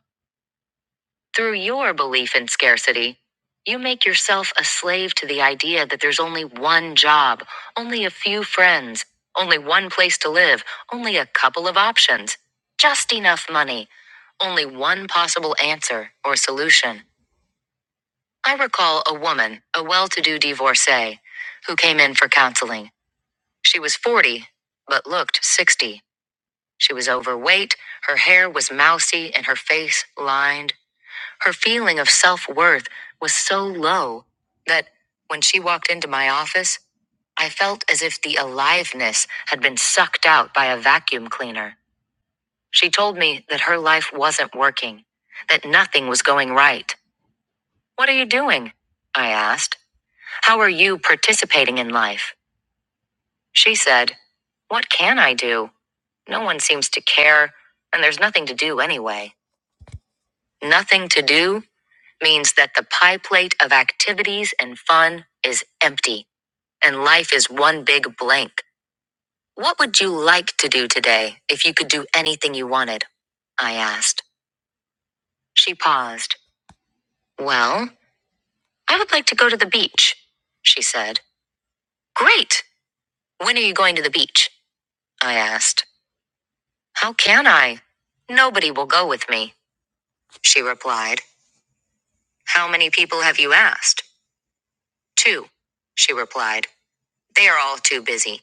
Speaker 1: Through your belief in scarcity, you make yourself a slave to the idea that there's only one job, only a few friends, only one place to live, only a couple of options, just enough money, only one possible answer or solution. I recall a woman, a well to do divorcee, who came in for counseling. She was 40, but looked 60. She was overweight, her hair was mousy, and her face lined her feeling of self worth was so low that when she walked into my office, I felt as if the aliveness had been sucked out by a vacuum cleaner. She told me that her life wasn't working, that nothing was going right. What are you doing? I asked. How are you participating in life? She said, What can I do? No one seems to care, and there's nothing to do anyway. Nothing to do? means that the pie plate of activities and fun is empty and life is one big blank. What would you like to do today if you could do anything you wanted? I asked. She paused. Well, I would like to go to the beach, she said. Great! When are you going to the beach? I asked. How can I? Nobody will go with me, she replied. How many people have you asked? Two, she replied. They are all too busy.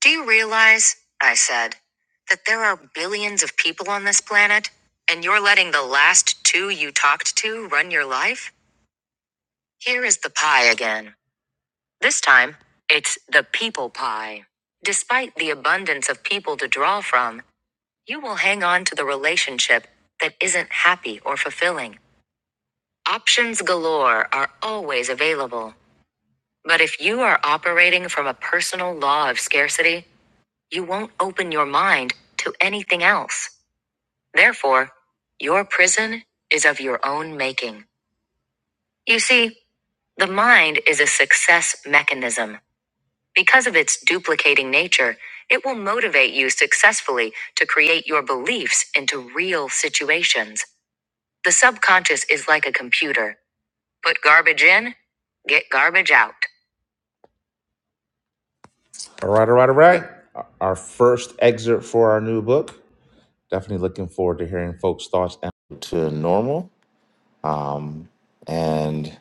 Speaker 1: Do you realize, I said, that there are billions of people on this planet, and you're letting the last two you talked to run your life? Here is the pie again. This time, it's the people pie. Despite the abundance of people to draw from, you will hang on to the relationship that isn't happy or fulfilling. Options galore are always available. But if you are operating from a personal law of scarcity, You won't open your mind to anything else. Therefore, your prison is of your own making. You see, the mind is a success mechanism. Because of its duplicating nature, it will motivate you successfully to create your beliefs into real situations. The subconscious is like a computer. Put garbage in, get garbage out. All right, all right, all right. Our first excerpt for our new book. Definitely looking forward to hearing folks' thoughts and to normal. Um, and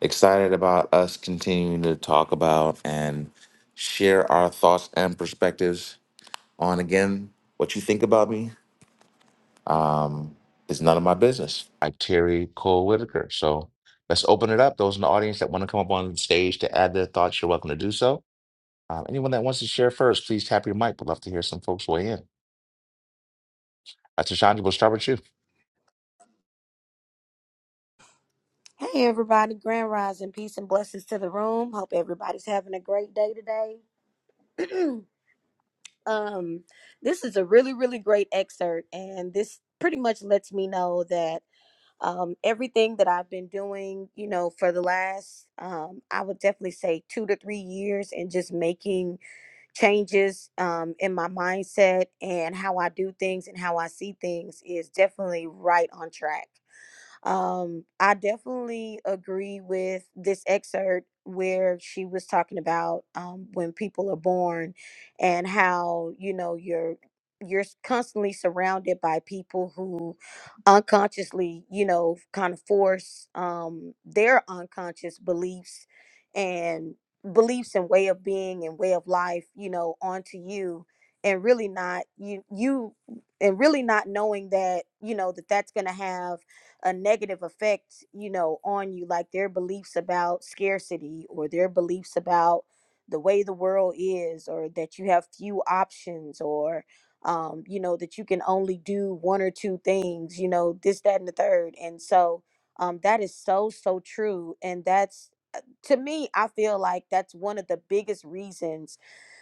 Speaker 1: excited about us continuing to talk about and share our thoughts and perspectives on again what you think about me um, is none of my business. I Terry Cole Whitaker. So let's open it up. Those in the audience that want to come up on stage to add their thoughts, you're welcome to do so. Um, anyone that wants to share first, please tap your mic. We'd love to hear some folks weigh in. Uh, Tashandra, we'll start with you.
Speaker 10: Hey everybody, grand rising, peace and blessings to the room. Hope everybody's having a great day today. um, this is a really, really great excerpt, and this pretty much lets me know that um, everything that I've been doing, you know, for the last, um, I would definitely say two to three years, and just making changes um, in my mindset and how I do things and how I see things is definitely right on track. Um, I definitely agree with this excerpt where she was talking about um, when people are born and how you know you're you're s- constantly surrounded by people who unconsciously you know kind of force um, their unconscious beliefs and beliefs and way of being and way of life you know onto you and really not you you and really not knowing that you know that that's going to have a negative effect, you know, on you, like their beliefs about scarcity or their beliefs about the way the world is, or that you have few options, or um, you know, that you can only do one or two things, you know, this, that, and the third. And so um, that is so, so true. And that's, uh, to me, I feel like that's one of the biggest reasons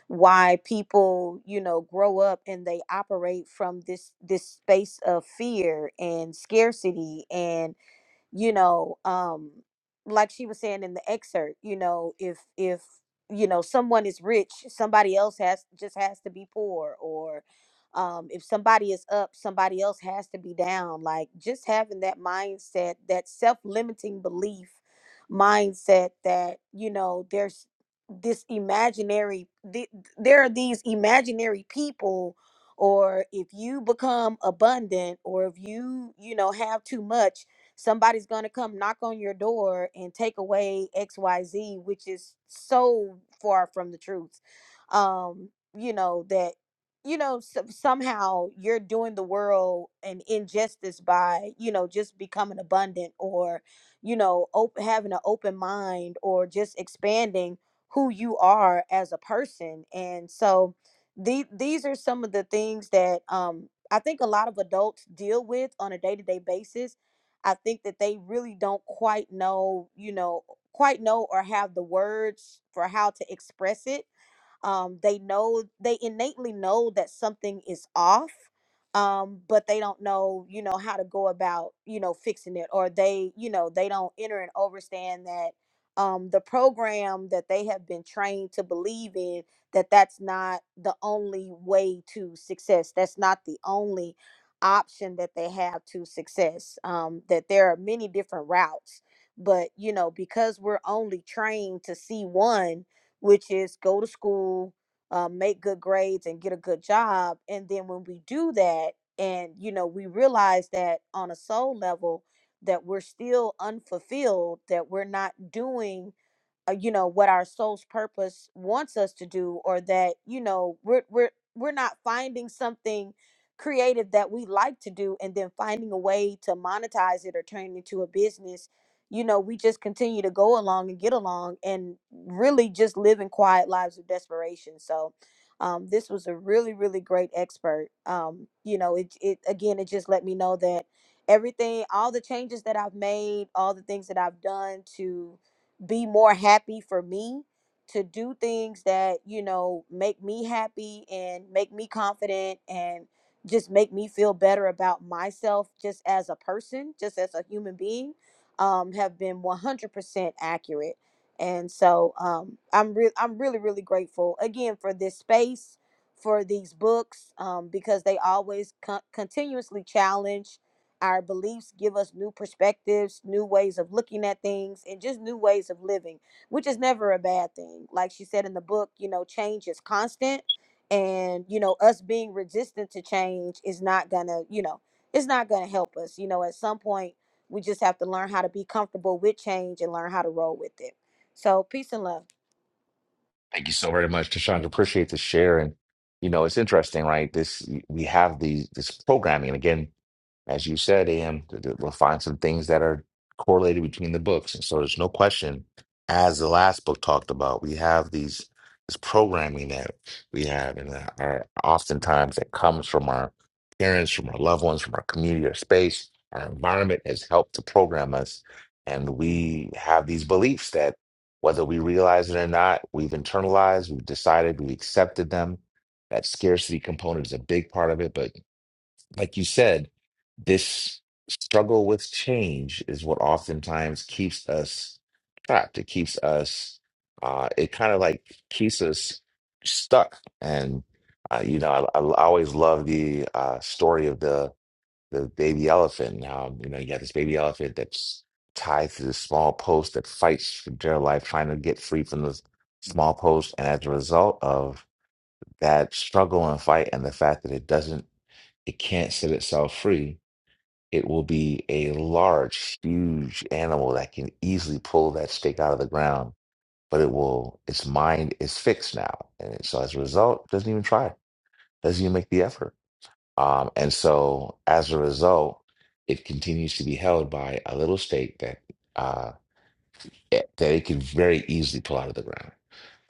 Speaker 10: why people you know grow up and they operate from this this space of fear and scarcity and you know um like she was saying in the excerpt you know if if you know someone is rich somebody else has just has to be poor or um if somebody is up somebody else has to be down like just having that mindset that self-limiting belief mindset that you know there's this imaginary the, there are these imaginary people or if you become abundant or if you you know have too much Somebody's going to come knock on your door and take away XYZ, which is so far from the truth. Um, you know, that, you know, so, somehow you're doing the world an injustice by, you know, just becoming abundant or, you know, op- having an open mind or just expanding who you are as a person. And so the- these are some of the things that um, I think a lot of adults deal with on a day to day basis I think that they really don't quite know, you know, quite know or have the words for how to express it um, they know they innately know that something is off, um, but they don't know, you know, how to go about, you know, fixing it, or they, you know, they don't enter and overstand that um, the program that they have been trained to believe in that that's not the only way to success. That's not the only option that they have to success. Um, that there are many different routes but you know because we're only trained to see one which is go to school, uh, make good grades, and get a good job. And then when we do that, and you know, we realize that on a soul level, that we're still unfulfilled, that we're not doing uh, you know what our soul's purpose wants us to do or that you know we're we're we're not finding something creative that we like to do and then finding a way to monetize it or turn it into a business you know we just continue to go along and get along and really just living quiet lives of desperation so um, this was a really really great expert um, you know it, it again it just let me know that everything all the changes that i've made all the things that i've done to be more happy for me to do things that you know make me happy and make me confident and just make me feel better about myself just as a person just as a human being um, have been 100% accurate and so um, i'm re- i'm really really grateful again for this space for these books um, because they always con- continuously challenge our beliefs give us new perspectives, new ways of looking at things, and just new ways of living, which is never a bad thing. Like she said in the book, you know, change is constant. And, you know, us being resistant to change is not gonna, you know, it's not gonna help us. You know, at some point, we just have to learn how to be comfortable with change and learn how to roll with it. So, peace and love.
Speaker 1: Thank you so very much, Tashandra. Appreciate the share. And you know, it's interesting, right? This we have these this programming, and again. As you said, Am, th- th- we'll find some things that are correlated between the books. And so there's no question, as the last book talked about, we have these this programming that we have and that are oftentimes that comes from our parents, from our loved ones, from our community, our space, our environment has helped to program us. And we have these beliefs that whether we realize it or not, we've internalized, we've decided, we've accepted them. That scarcity component is a big part of it, but like you said, this struggle with change is what oftentimes keeps us trapped. It keeps us, uh, it kind of like keeps us stuck. And, uh, you know, I, I always love the uh, story of the, the baby elephant. and How, you know, you got this baby elephant that's tied to this small post that fights for dear life, trying to get free from this small post. And as a result of that struggle and fight and the fact that it doesn't it can't set itself free, it will be a large, huge animal that can easily pull that stake out of the ground. But it will, its mind is fixed now. And it- so as a result, it doesn't even try, doesn't even make the effort. Um, and so as a result, it continues to be held by a little stake that uh, it- that it can very easily pull out of the ground.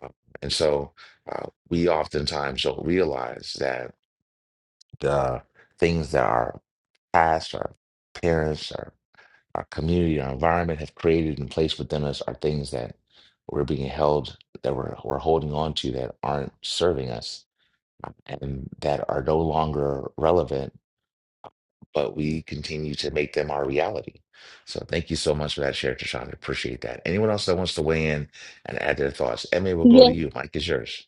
Speaker 1: Um, And so uh, we oftentimes don't realize that the things that our past, our parents, our, our community, our environment have created and placed within us are things that we're being held, that we're, we're holding on to that aren't serving us and that are no longer relevant, but we continue to make them our reality. So thank you so much for that share, Tashonda. Appreciate that. Anyone else that wants to weigh in and add their thoughts? Emmy, will go to
Speaker 4: Yes.
Speaker 1: you. Mike is yours.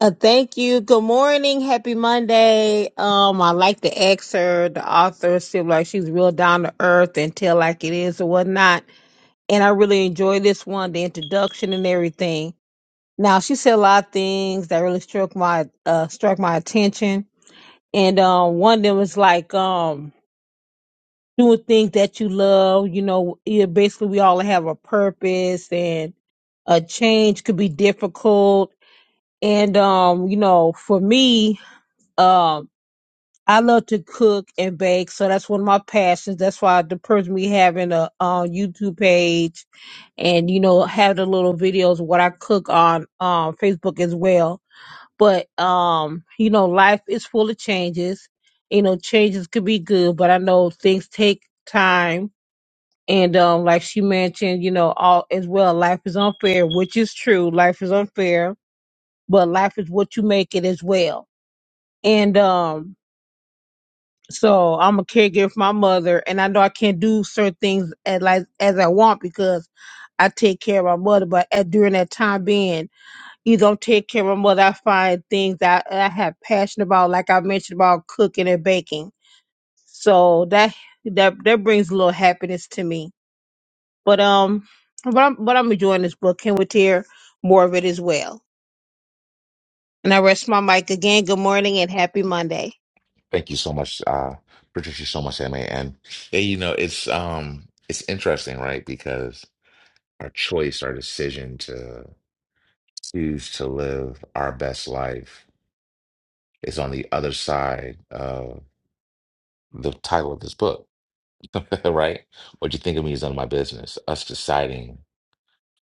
Speaker 4: Uh, thank you. Good morning. Happy Monday. Um, I like the ex her, the author seems like she's real down to earth and tell like it is or whatnot. And I really enjoy this one, the introduction and everything. Now she said a lot of things that really struck my uh struck my attention. And um one of them was like um doing things that you love, you know, yeah, basically we all have a purpose and a change could be difficult. And um, you know, for me, um I love to cook and bake, so that's one of my passions. That's why the person me having a uh, YouTube page and you know have the little videos of what I cook on um Facebook as well but um you know life is full of changes you know changes could be good but i know things take time and um like she mentioned you know all as well life is unfair which is true life is unfair but life is what you make it as well and um so i'm a caregiver for my mother and i know i can't do certain things as like as i want because i take care of my mother but at during that time being you don't take care of my mother. I find things that I have passion about, like I mentioned about cooking and baking. So that that that brings a little happiness to me. But um, but I'm but I'm enjoying this book. Can we hear more of it as well? And I rest my mic again. Good morning and happy Monday.
Speaker 1: Thank you so much, uh, Patricia, so much, Emma. And yeah, you know, it's um, it's interesting, right? Because our choice, our decision to choose to live our best life is on the other side of the title of this book, right? What you think of me is none of my business. Us deciding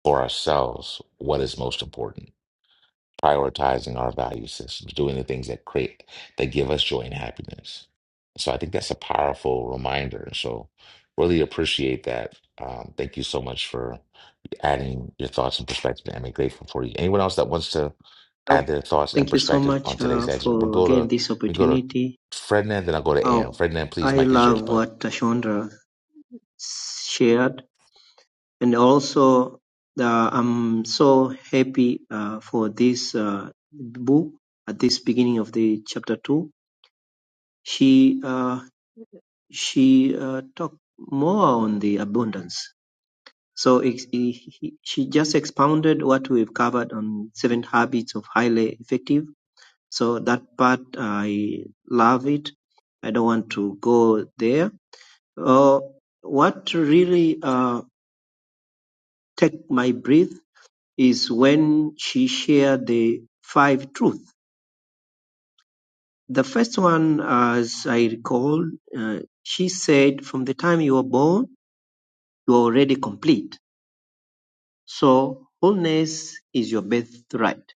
Speaker 1: for ourselves what is most important prioritizing our value systems, doing the things that create that give us joy and happiness. So I think that's a powerful reminder. So really appreciate that. Um, thank you so much for adding your thoughts and perspective. I'm grateful for you. Anyone else that wants to add
Speaker 11: Well,
Speaker 1: their thoughts and
Speaker 11: thank you so
Speaker 1: perspectives on
Speaker 11: much
Speaker 1: today's
Speaker 11: uh,
Speaker 1: exit? We'll
Speaker 11: for
Speaker 1: go
Speaker 11: again
Speaker 1: to
Speaker 11: this
Speaker 1: we go to
Speaker 11: opportunity.
Speaker 1: Frednan, then I'll go to Ann.
Speaker 11: Oh,
Speaker 1: Frednan, please,
Speaker 11: I
Speaker 1: Mike is yours,
Speaker 11: love
Speaker 1: bud.
Speaker 11: what Chandra shared, and also the, I'm so happy uh, for this uh, book at this beginning of the chapter two. She uh, she uh, talked more on the abundance. So ex- he- he- she just expounded what we've covered on seven habits of highly effective So that part I love it. I don't want to go there. Uh, what really uh, take my breath is when she shared the five truths. The first one, as I recall, uh, she said, "From the time you were born, you are already complete. So wholeness is your birthright."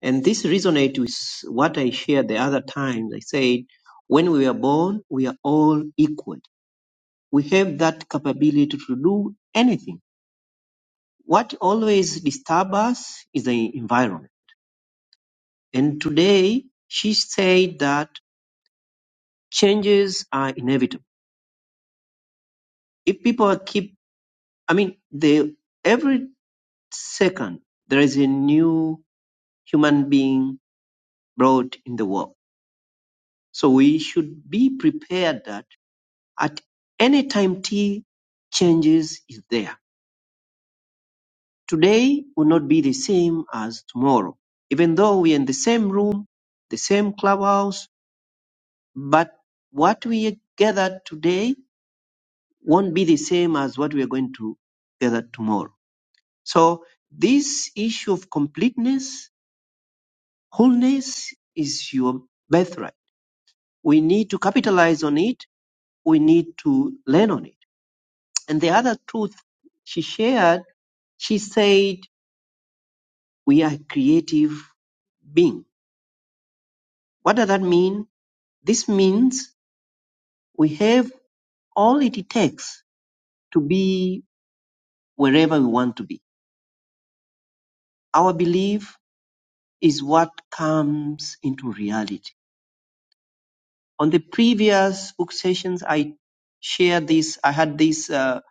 Speaker 11: And this resonates with what I shared the other times. I said, "When we are born, we are all equal." We have that capability to do anything. What always disturbs us is the environment. And today, she said that changes are inevitable. If people are keep, I mean, they, every second, there is a new human being brought in the world. So we should be prepared that at any time T, changes is there Today will not be the same as tomorrow, even though we're in the same room, the same clubhouse, but what we gathered today won't be the same as what we are going to gather tomorrow. So this issue of completeness, wholeness is your birthright. We need to capitalize on it. We need to learn on it. And the other truth she shared, she said, we are creative being. What does that mean? This means we have all it takes to be wherever we want to be. Our belief is what comes into reality. On the previous book sessions, I shared this. I had this uh,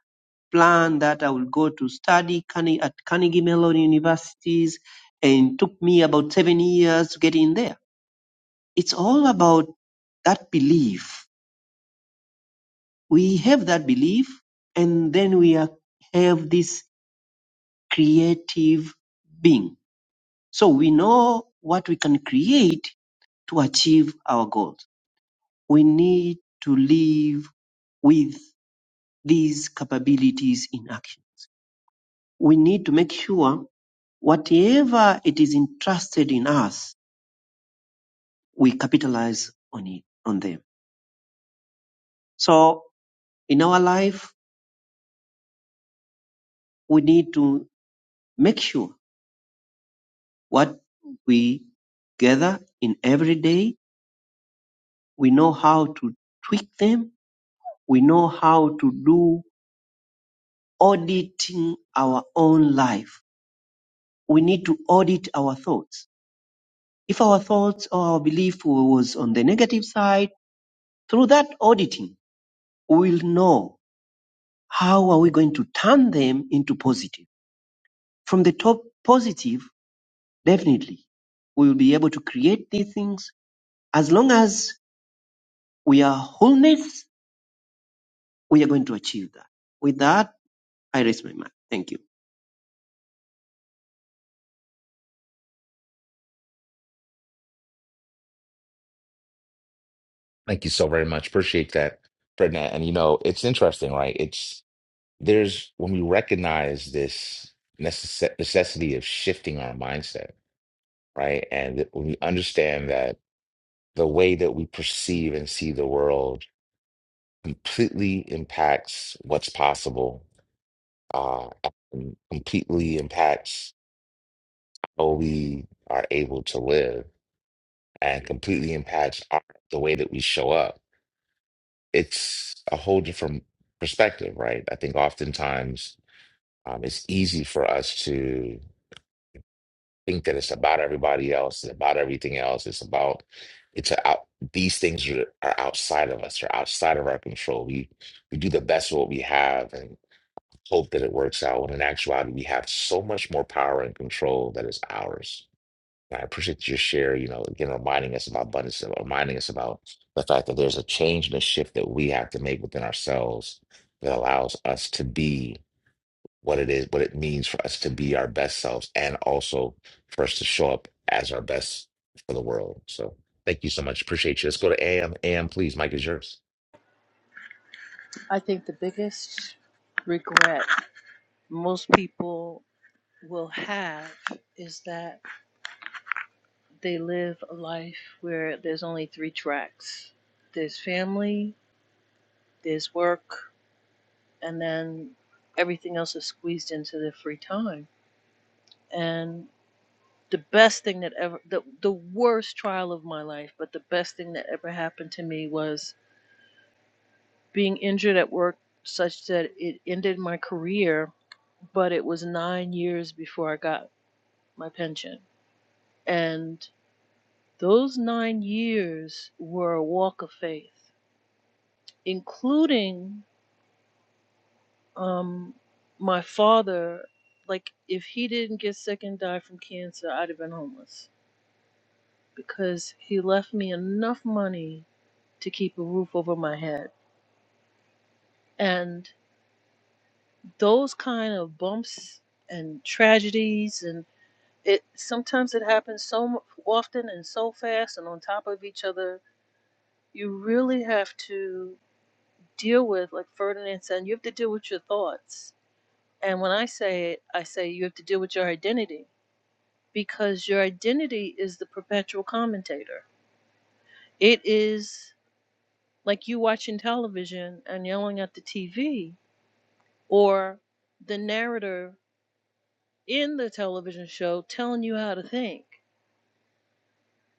Speaker 11: plan that I would go to study at Carnegie Mellon universities, and it took me about seven years to get in there. It's all about that belief. We have that belief, and then we are, have this creative being. So we know what we can create to achieve our goals. We need to live with these capabilities in action. We need to make sure whatever it is entrusted in us, we capitalize on it, on them. So in our life, we need to make sure what we gather in every day, we know how to tweak them We know how to do auditing our own life. We need to audit our thoughts. If our thoughts or our belief was on the negative side, through that auditing, we will know how are we going to turn them into positive. From the top positive, definitely we will be able to create these things. As long as we are wholeness, we are going to achieve that. With that, I raise my mind. Thank you.
Speaker 1: Thank you so very much. Appreciate that, Frednan. And you know, it's interesting, right? It's there's when we recognize this necess- necessity of shifting our mindset, right? And that when we understand that the way that we perceive and see the world completely impacts what's possible, uh, and completely impacts how we are able to live, and completely impacts our, the way that we show up. It's a whole different perspective, right? I think oftentimes um, it's easy for us to think that it's about everybody else, it's about everything else. It's about it's a out these things are, are outside of us, are outside of our control. We we do the best of what we have and hope that it works out. When in actuality, we have so much more power and control that is ours. And I appreciate your share, you know, again reminding us about abundance, reminding us about the fact that there's a change and a shift that we have to make within ourselves that allows us to be what it is, what it means for us to be our best selves and also for us to show up as our best for the world. So thank you so much. Appreciate you. Let's go to AM. AM, please. Mike is yours.
Speaker 9: I think the biggest regret most people will have is that they live a life where there's only three tracks there's family, there's work, and then everything else is squeezed into their free time. And the best thing that ever, the, the worst trial of my life, but the best thing that ever happened to me was being injured at work such that it ended my career but it was nine years before I got my pension. And those nine years were a walk of faith, including um, my father. Like, if he didn't get sick and die from cancer, I'd have been homeless because he left me enough money to keep a roof over my head. And those kind of bumps and tragedies, and it sometimes it happens so mu- often and so fast and on top of each other you really have to deal with, like Ferdinand said, you have to deal with your thoughts. And when I say it, I say you have to deal with your identity because your identity is the perpetual commentator. It is like you watching television and yelling at the TV or the narrator in the television show telling you how to think.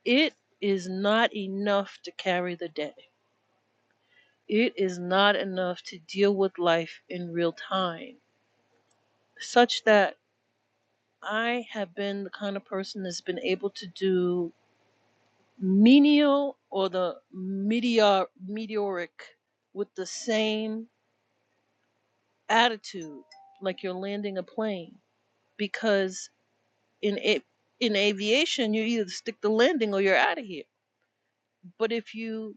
Speaker 9: It is not enough to carry the day. It is not enough to deal with life in real time, such that I have been the kind of person that's been able to do menial or the meteor meteoric with the same attitude, like you're landing a plane, because in a, in aviation you either stick the landing or you're out of here. But if you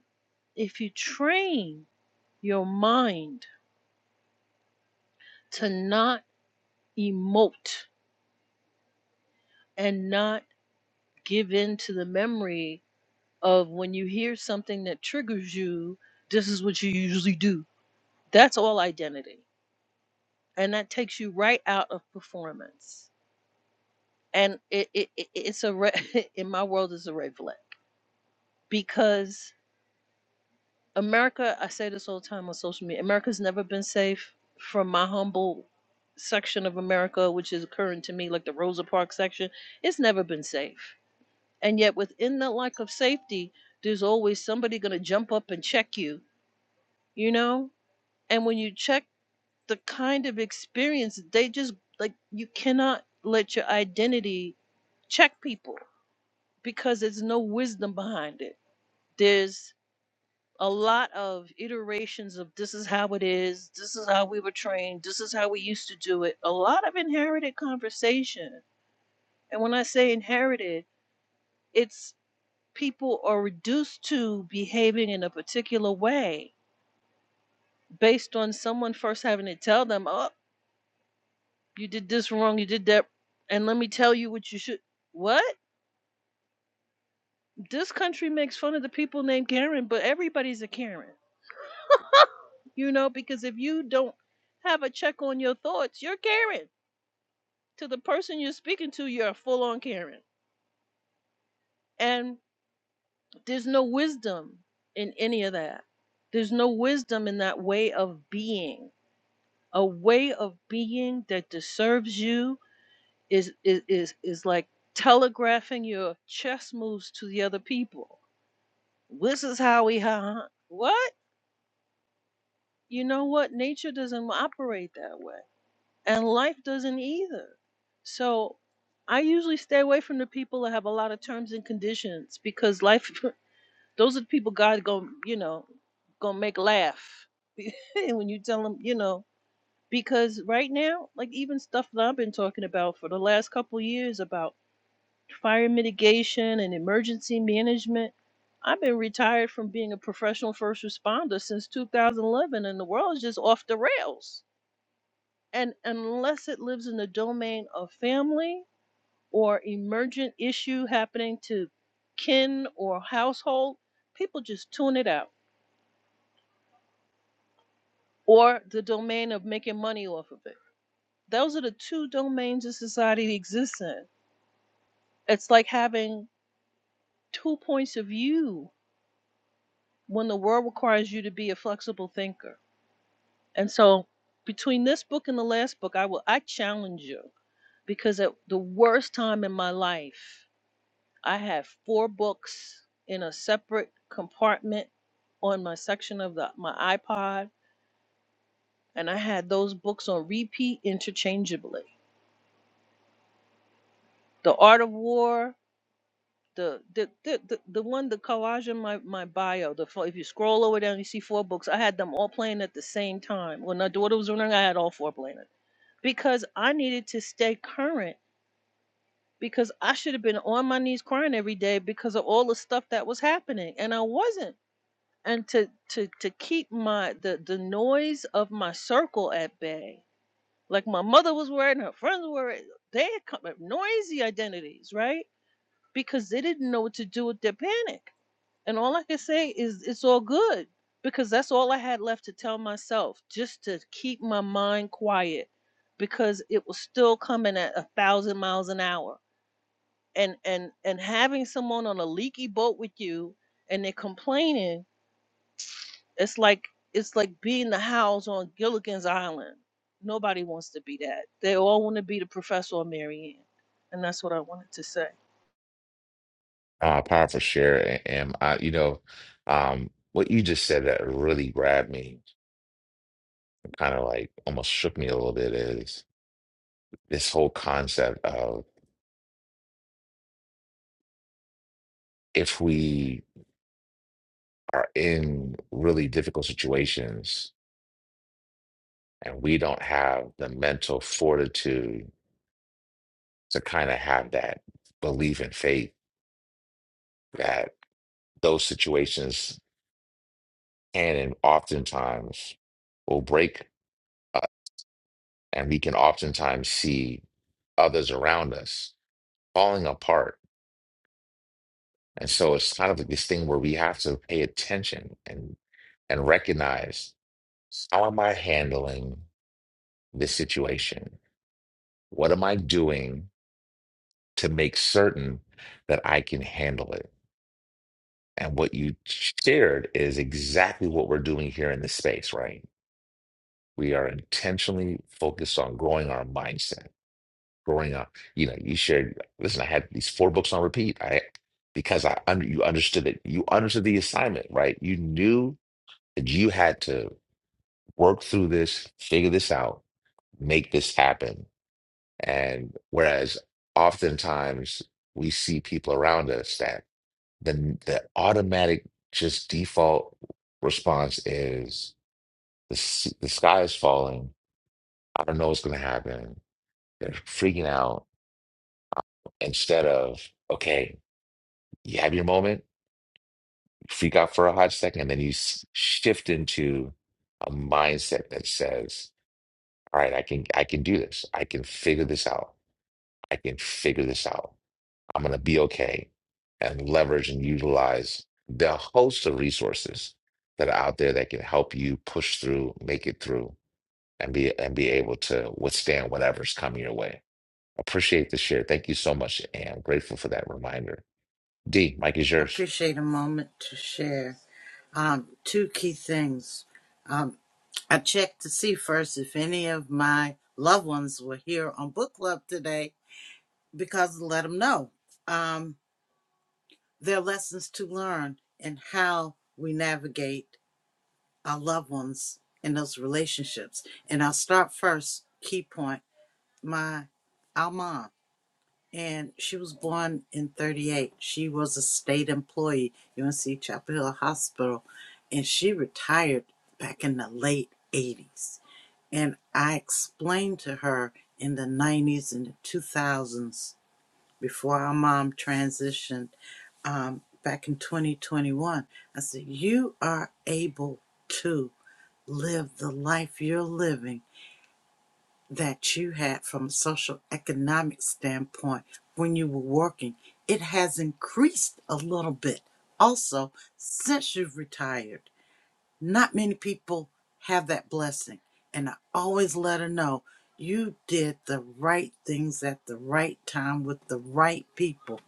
Speaker 9: if you train your mind to not emote and not give in to the memory of when you hear something that triggers you, this is what you usually do. That's all identity. And that takes you right out of performance. And it, it, it it's a red, in my world it's a red flag because America, I say this all the time on social media, America's never been safe from my humble section of America, which is occurring to me, like the Rosa Parks section. It's never been safe. And yet within that lack of safety, there's always somebody gonna jump up and check you, you know? And when you check the kind of experience, they just like you cannot let your identity check people because there's no wisdom behind it. There's a lot of iterations of this is how it is, this is how we were trained, this is how we used to do it. A lot of inherited conversation. And when I say inherited, it's people are reduced to behaving in a particular way based on someone first having to tell them, oh, You did this wrong. You did that. And let me tell you what you should. What? This country makes fun of the people named Karen, but everybody's a Karen. You know, because if you don't have a check on your thoughts, you're Karen. To the person you're speaking to, you're a full on Karen. And there's no wisdom in any of that. There's no wisdom in that way of being. A way of being that deserves you is is is, is like telegraphing your chess moves to the other people This is how we hunt. What? You know what? Nature doesn't operate that way, and life doesn't either. So I usually stay away from the people that have a lot of terms and conditions because life, those are the people God going you know, gonna make laugh when you tell them, you know. Because right now, like even stuff that I've been talking about for the last couple of years about fire mitigation and emergency management. I've been retired from being a professional first responder since 2011, and the world is just off the rails. And unless it lives in the domain of family or emergent issue happening to kin or household, people just tune it out, or the domain of making money off of it. Those are the two domains of society that exists in. It's like having two points of view when the world requires you to be a flexible thinker. And so, between this book and the last book, I will I challenge you because at the worst time in my life, I had four books in a separate compartment on my section of the my iPod, and I had those books on repeat interchangeably. The Art of War, the the the the, the one the collage in my my bio. The fo- if you scroll over down, you see four books. I had them all playing at the same time. When my daughter was running, I had all four playing. because I needed to stay current because I should have been on my knees crying every day because of all the stuff that was happening and I wasn't. And to to to keep my the the noise of my circle at bay, like my mother was worried, and her friends were worried, they had come, up noisy identities, right? Because they didn't know what to do with their panic and all I can say is it's all good because that's all I had left to tell myself just to keep my mind quiet because it was still coming at a thousand miles an hour. And and and having someone on a leaky boat with you and they're complaining, it's like it's like being the house on Gilligan's Island. Nobody wants to be that. They all want to be the professor or Marianne. And that's what I wanted to say.
Speaker 1: Uh, powerful share. AM, I, you know, um, what you just said that really grabbed me, kind of like almost shook me a little bit is this whole concept of if we are in really difficult situations and we don't have the mental fortitude to kind of have that belief and faith that those situations can and oftentimes will break us. And we can oftentimes see others around us falling apart. And so it's kind of like this thing where we have to pay attention and and recognize how am I handling this situation? What am I doing to make certain that I can handle it? And what you shared is exactly what we're doing here in this space, right? We are intentionally focused on growing our mindset, growing up. You know, you shared, listen, I had these four books on repeat. I because I under you understood it. You understood the assignment, right? You knew that you had to work through this, figure this out, make this happen. And whereas oftentimes we see people around us that the the automatic just default response is the s- the sky is falling. I don't know what's going to happen. They're freaking out instead of okay, you have your moment, freak out for a hot second, and then you s- shift into a mindset that says, "All right, I can I can do this. I can figure this out. I can figure this out." I'm going to be okay and leverage and utilize the host of resources that are out there that can help you push through, make it through, and be and be able to withstand whatever's coming your way. Appreciate the share. Thank you so much, and I'm grateful for that reminder. D, Mike is yours.
Speaker 2: appreciate a moment to share um, two key things. Um, I checked to see first if any of my loved ones were here on book club today because let them know um, their lessons to learn and how we navigate our loved ones in those relationships. And I'll start first, key point, my our mom. and she was born in 38. She was a state employee, UNC Chapel Hill Hospital, and she retired back in the late 80s. And I explained to her in the 90s and the 2000s, before our mom transitioned um, back in 2021, I said, You are able to live the life you're living that you had from a social economic standpoint when you were working it has increased a little bit also since you've retired not many people have that blessing and i always let her know you did the right things at the right time with the right people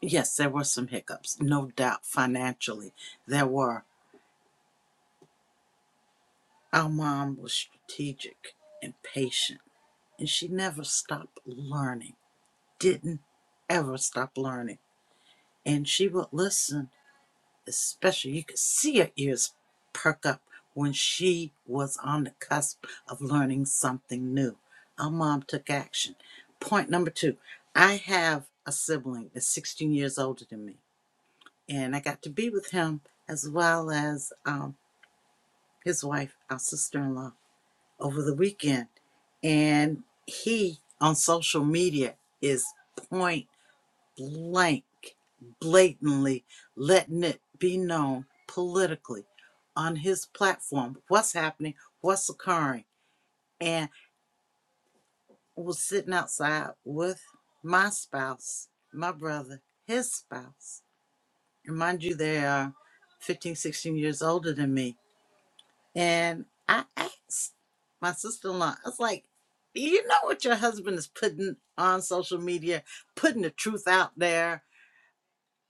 Speaker 2: yes there were some hiccups no doubt financially there were our mom was strategic and patient and she never stopped learning didn't ever stop learning. And she would listen, especially you could see her ears perk up when she was on the cusp of learning something new. Our mom took action. Point number two I have a sibling that's 16 years older than me, and I got to be with him as well as um, his wife, our sister in law, over the weekend. And he on social media is point. blank, blatantly letting it be known politically on his platform what's happening, what's occurring. And I was sitting outside with my spouse, my brother, his spouse. And mind you, they are 15, 16 years older than me. And I asked my sister in law, I was like, "Do you know what your husband is putting on social media, putting the truth out there?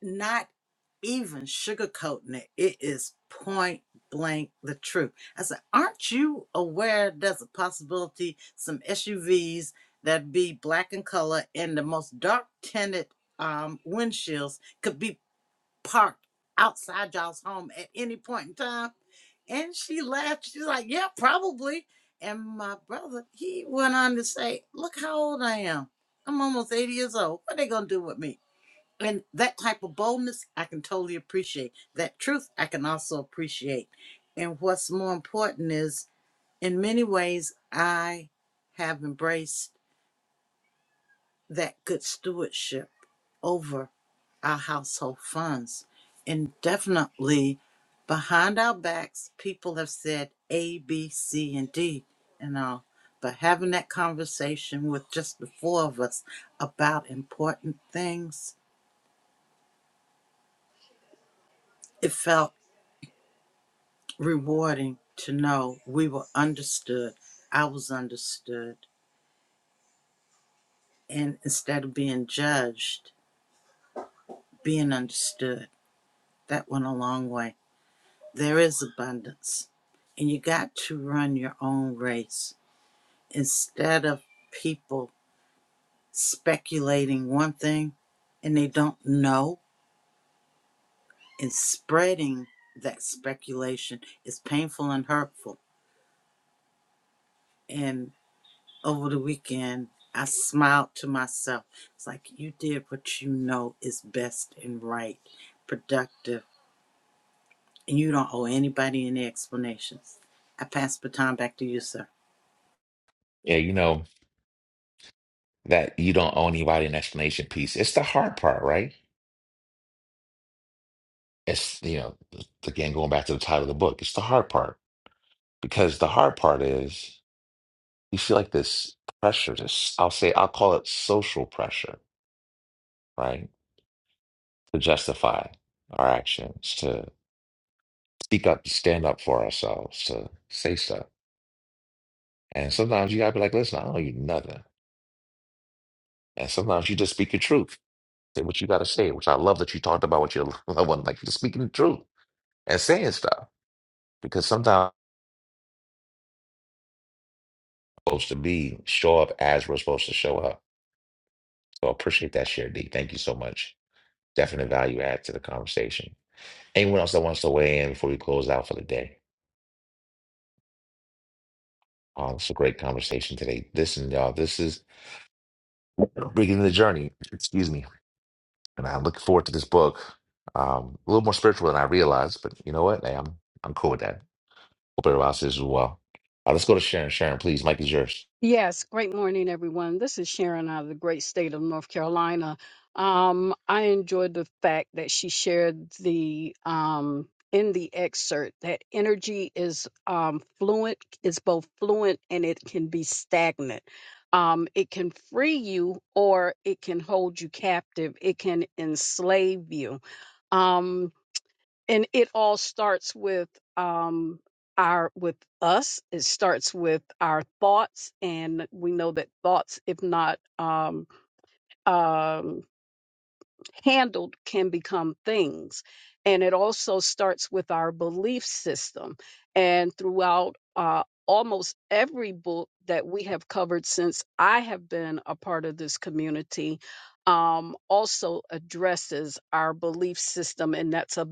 Speaker 2: not even sugarcoating it. It is point blank the truth. I said, Aren't you aware there's a possibility some SUVs that be black in color and the most dark tinted um, windshields could be parked outside y'all's home at any point in time? And she laughed. She's like, Yeah, probably. And my brother, he went on to say, Look how old I am. I'm almost 80 years old. What are they going to do with me? and that type of boldness i can totally appreciate that truth i can also appreciate and what's more important is in many ways i have embraced that good stewardship over our household funds and definitely behind our backs people have said a b c and d and all but having that conversation with just the four of us about important things it felt rewarding to know we were understood. I was understood. And instead of being judged, being understood, that went a long way. There is abundance. And you got to run your own race instead of people speculating one thing and they don't know and spreading that speculation is painful and hurtful. And over the weekend, I smiled to myself. It's like you did what you know is best and right, productive, and you don't owe anybody any explanations. I pass the time back to you, sir.
Speaker 1: Yeah, you know that you don't owe anybody an explanation piece. It's the hard part, right? It's you know again going back to the title of the book. It's the hard part because the hard part is. you feel like this pressure to s- i'll say i'll call it social pressure right to justify our actions to speak up to stand up for ourselves to say stuff and sometimes you gotta be like listen i don't owe you nothing and sometimes you just speak your truth say what you gotta say which i love that you talked about with your loved one like just speaking the truth and saying stuff because sometimes we're supposed to be show up as we're supposed to show up so I appreciate that share d thank you so much definite value add to the conversation Anyone else that wants to weigh in before we close out for the day? Um, it's a great conversation today. Listen, y'all, this is beginning the journey. Excuse me, and I'm looking forward to this book. Um, a little more spiritual than I realized, but you know what? Hey, I'm I'm cool with that. Hope everybody else is as well. Uh, let's go to Sharon. Sharon, please, Mike is yours.
Speaker 5: Yes, great morning, everyone. This is Sharon out of the great state of North Carolina. Um, I enjoyed the fact that she shared the um, in the excerpt that energy is um, fluent, is both fluent and it can be stagnant. Um, it can free you or it can hold you captive. It can enslave you. Um, and it all starts with um our with us it starts with our thoughts and we know that thoughts if not um um handled can become things. And it also starts with our belief system. And throughout uh, almost every book that we have covered since I have been a part of this community, um, also addresses our belief system. And that's a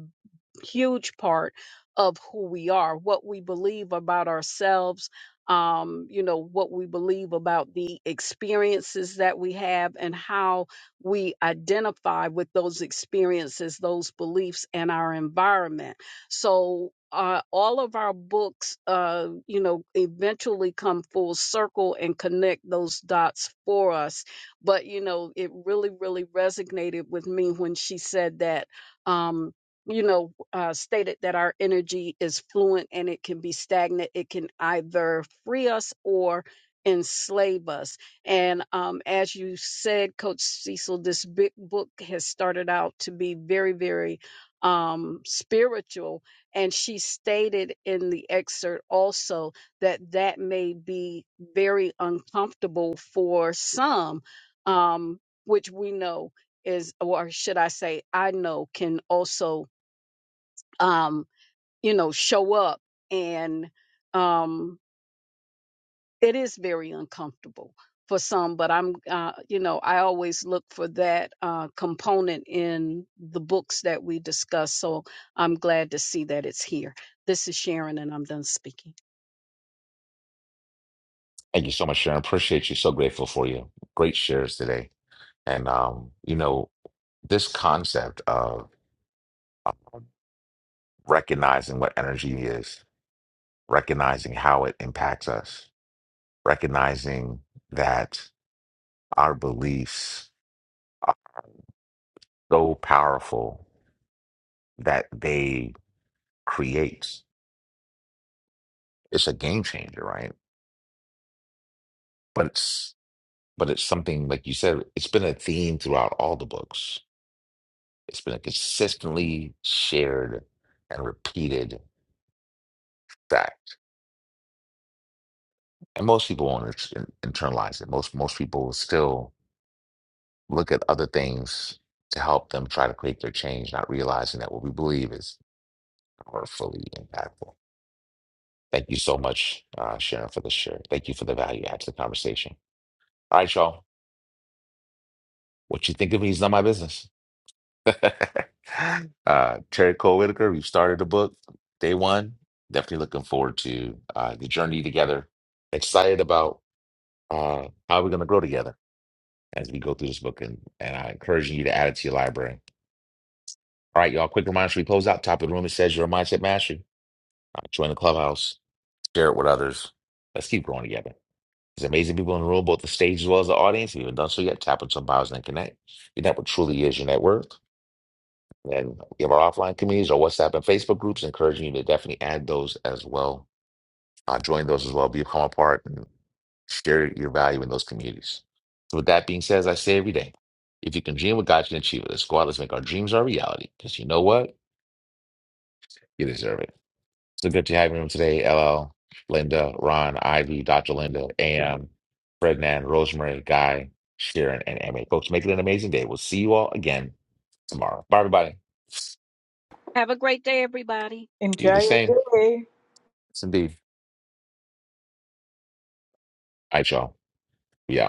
Speaker 5: huge part of who we are, what we believe about ourselves. Um, you know, what we believe about the experiences that we have and how we identify with those experiences, those beliefs, and our environment. So, uh, all of our books, uh, you know, eventually come full circle and connect those dots for us. But, you know, it really, really resonated with me when she said that. Um, you know, uh, stated that our energy is fluent and it can be stagnant. It can either free us or enslave us. And um, as you said, Coach Cecil, this big book has started out to be very, very um, spiritual. And she stated in the excerpt also that that may be very uncomfortable for some, um, which we know is, or should I say, I know can also, um, you know, show up and, um, it is very uncomfortable for some but i'm uh, you know i always look for that uh, component in the books that we discuss so i'm glad to see that it's here this is sharon and i'm done speaking
Speaker 1: Thank you so much, Sharon. Appreciate you. So grateful for you. Great shares today, and um, you know this concept of, of recognizing what energy is, recognizing how it impacts us recognizing that our beliefs are so powerful that they create it's a game changer right but it's but it's something like you said it's been a theme throughout all the books it's been a consistently shared and repeated fact and most people won't inter- internalize it most most people will still look at other things to help them try to create their change not realizing that what we believe is powerfully impactful Thank you so much, uh, Sharon, for the share. Thank you for the value add to the conversation. All right, y'all. What you think of me is not my business. uh, Terry Cole Whitaker, we've started the book day one. Definitely looking forward to uh, the journey together. Excited about uh, how we're going to grow together as we go through this book, and, and I encourage you to add it to your library. All right, y'all. Quick reminder: as we close out top of the room? It says you're a mindset master. Uh, join the clubhouse. Share it with others. Let's keep growing together. There's amazing people in the room, both the stage as well as the audience. If you haven't done so yet, tap on some bios and connect. Your network truly is your network. And we have our offline communities, our WhatsApp and Facebook groups, encouraging you to definitely add those as well. Uh, join those as well. Become a part and share your value in those communities. So with that being said, as I say every day, if you can dream what God can achieve it, let's go out, let's make our dreams our reality. Because you know what? You deserve it. So good to have you on today, LL, Linda, Ron, Ivy, Dr. Linda, AM, Ferdinand, Rosemary, Guy, Sharon, and Amy. Folks, make it an amazing day. We'll see you all again tomorrow. Bye, everybody.
Speaker 5: have a great day everybody
Speaker 1: You
Speaker 7: Enjoy
Speaker 1: the
Speaker 7: your
Speaker 1: same.
Speaker 7: day.
Speaker 1: Yes, indeed. All right, y'all. We out.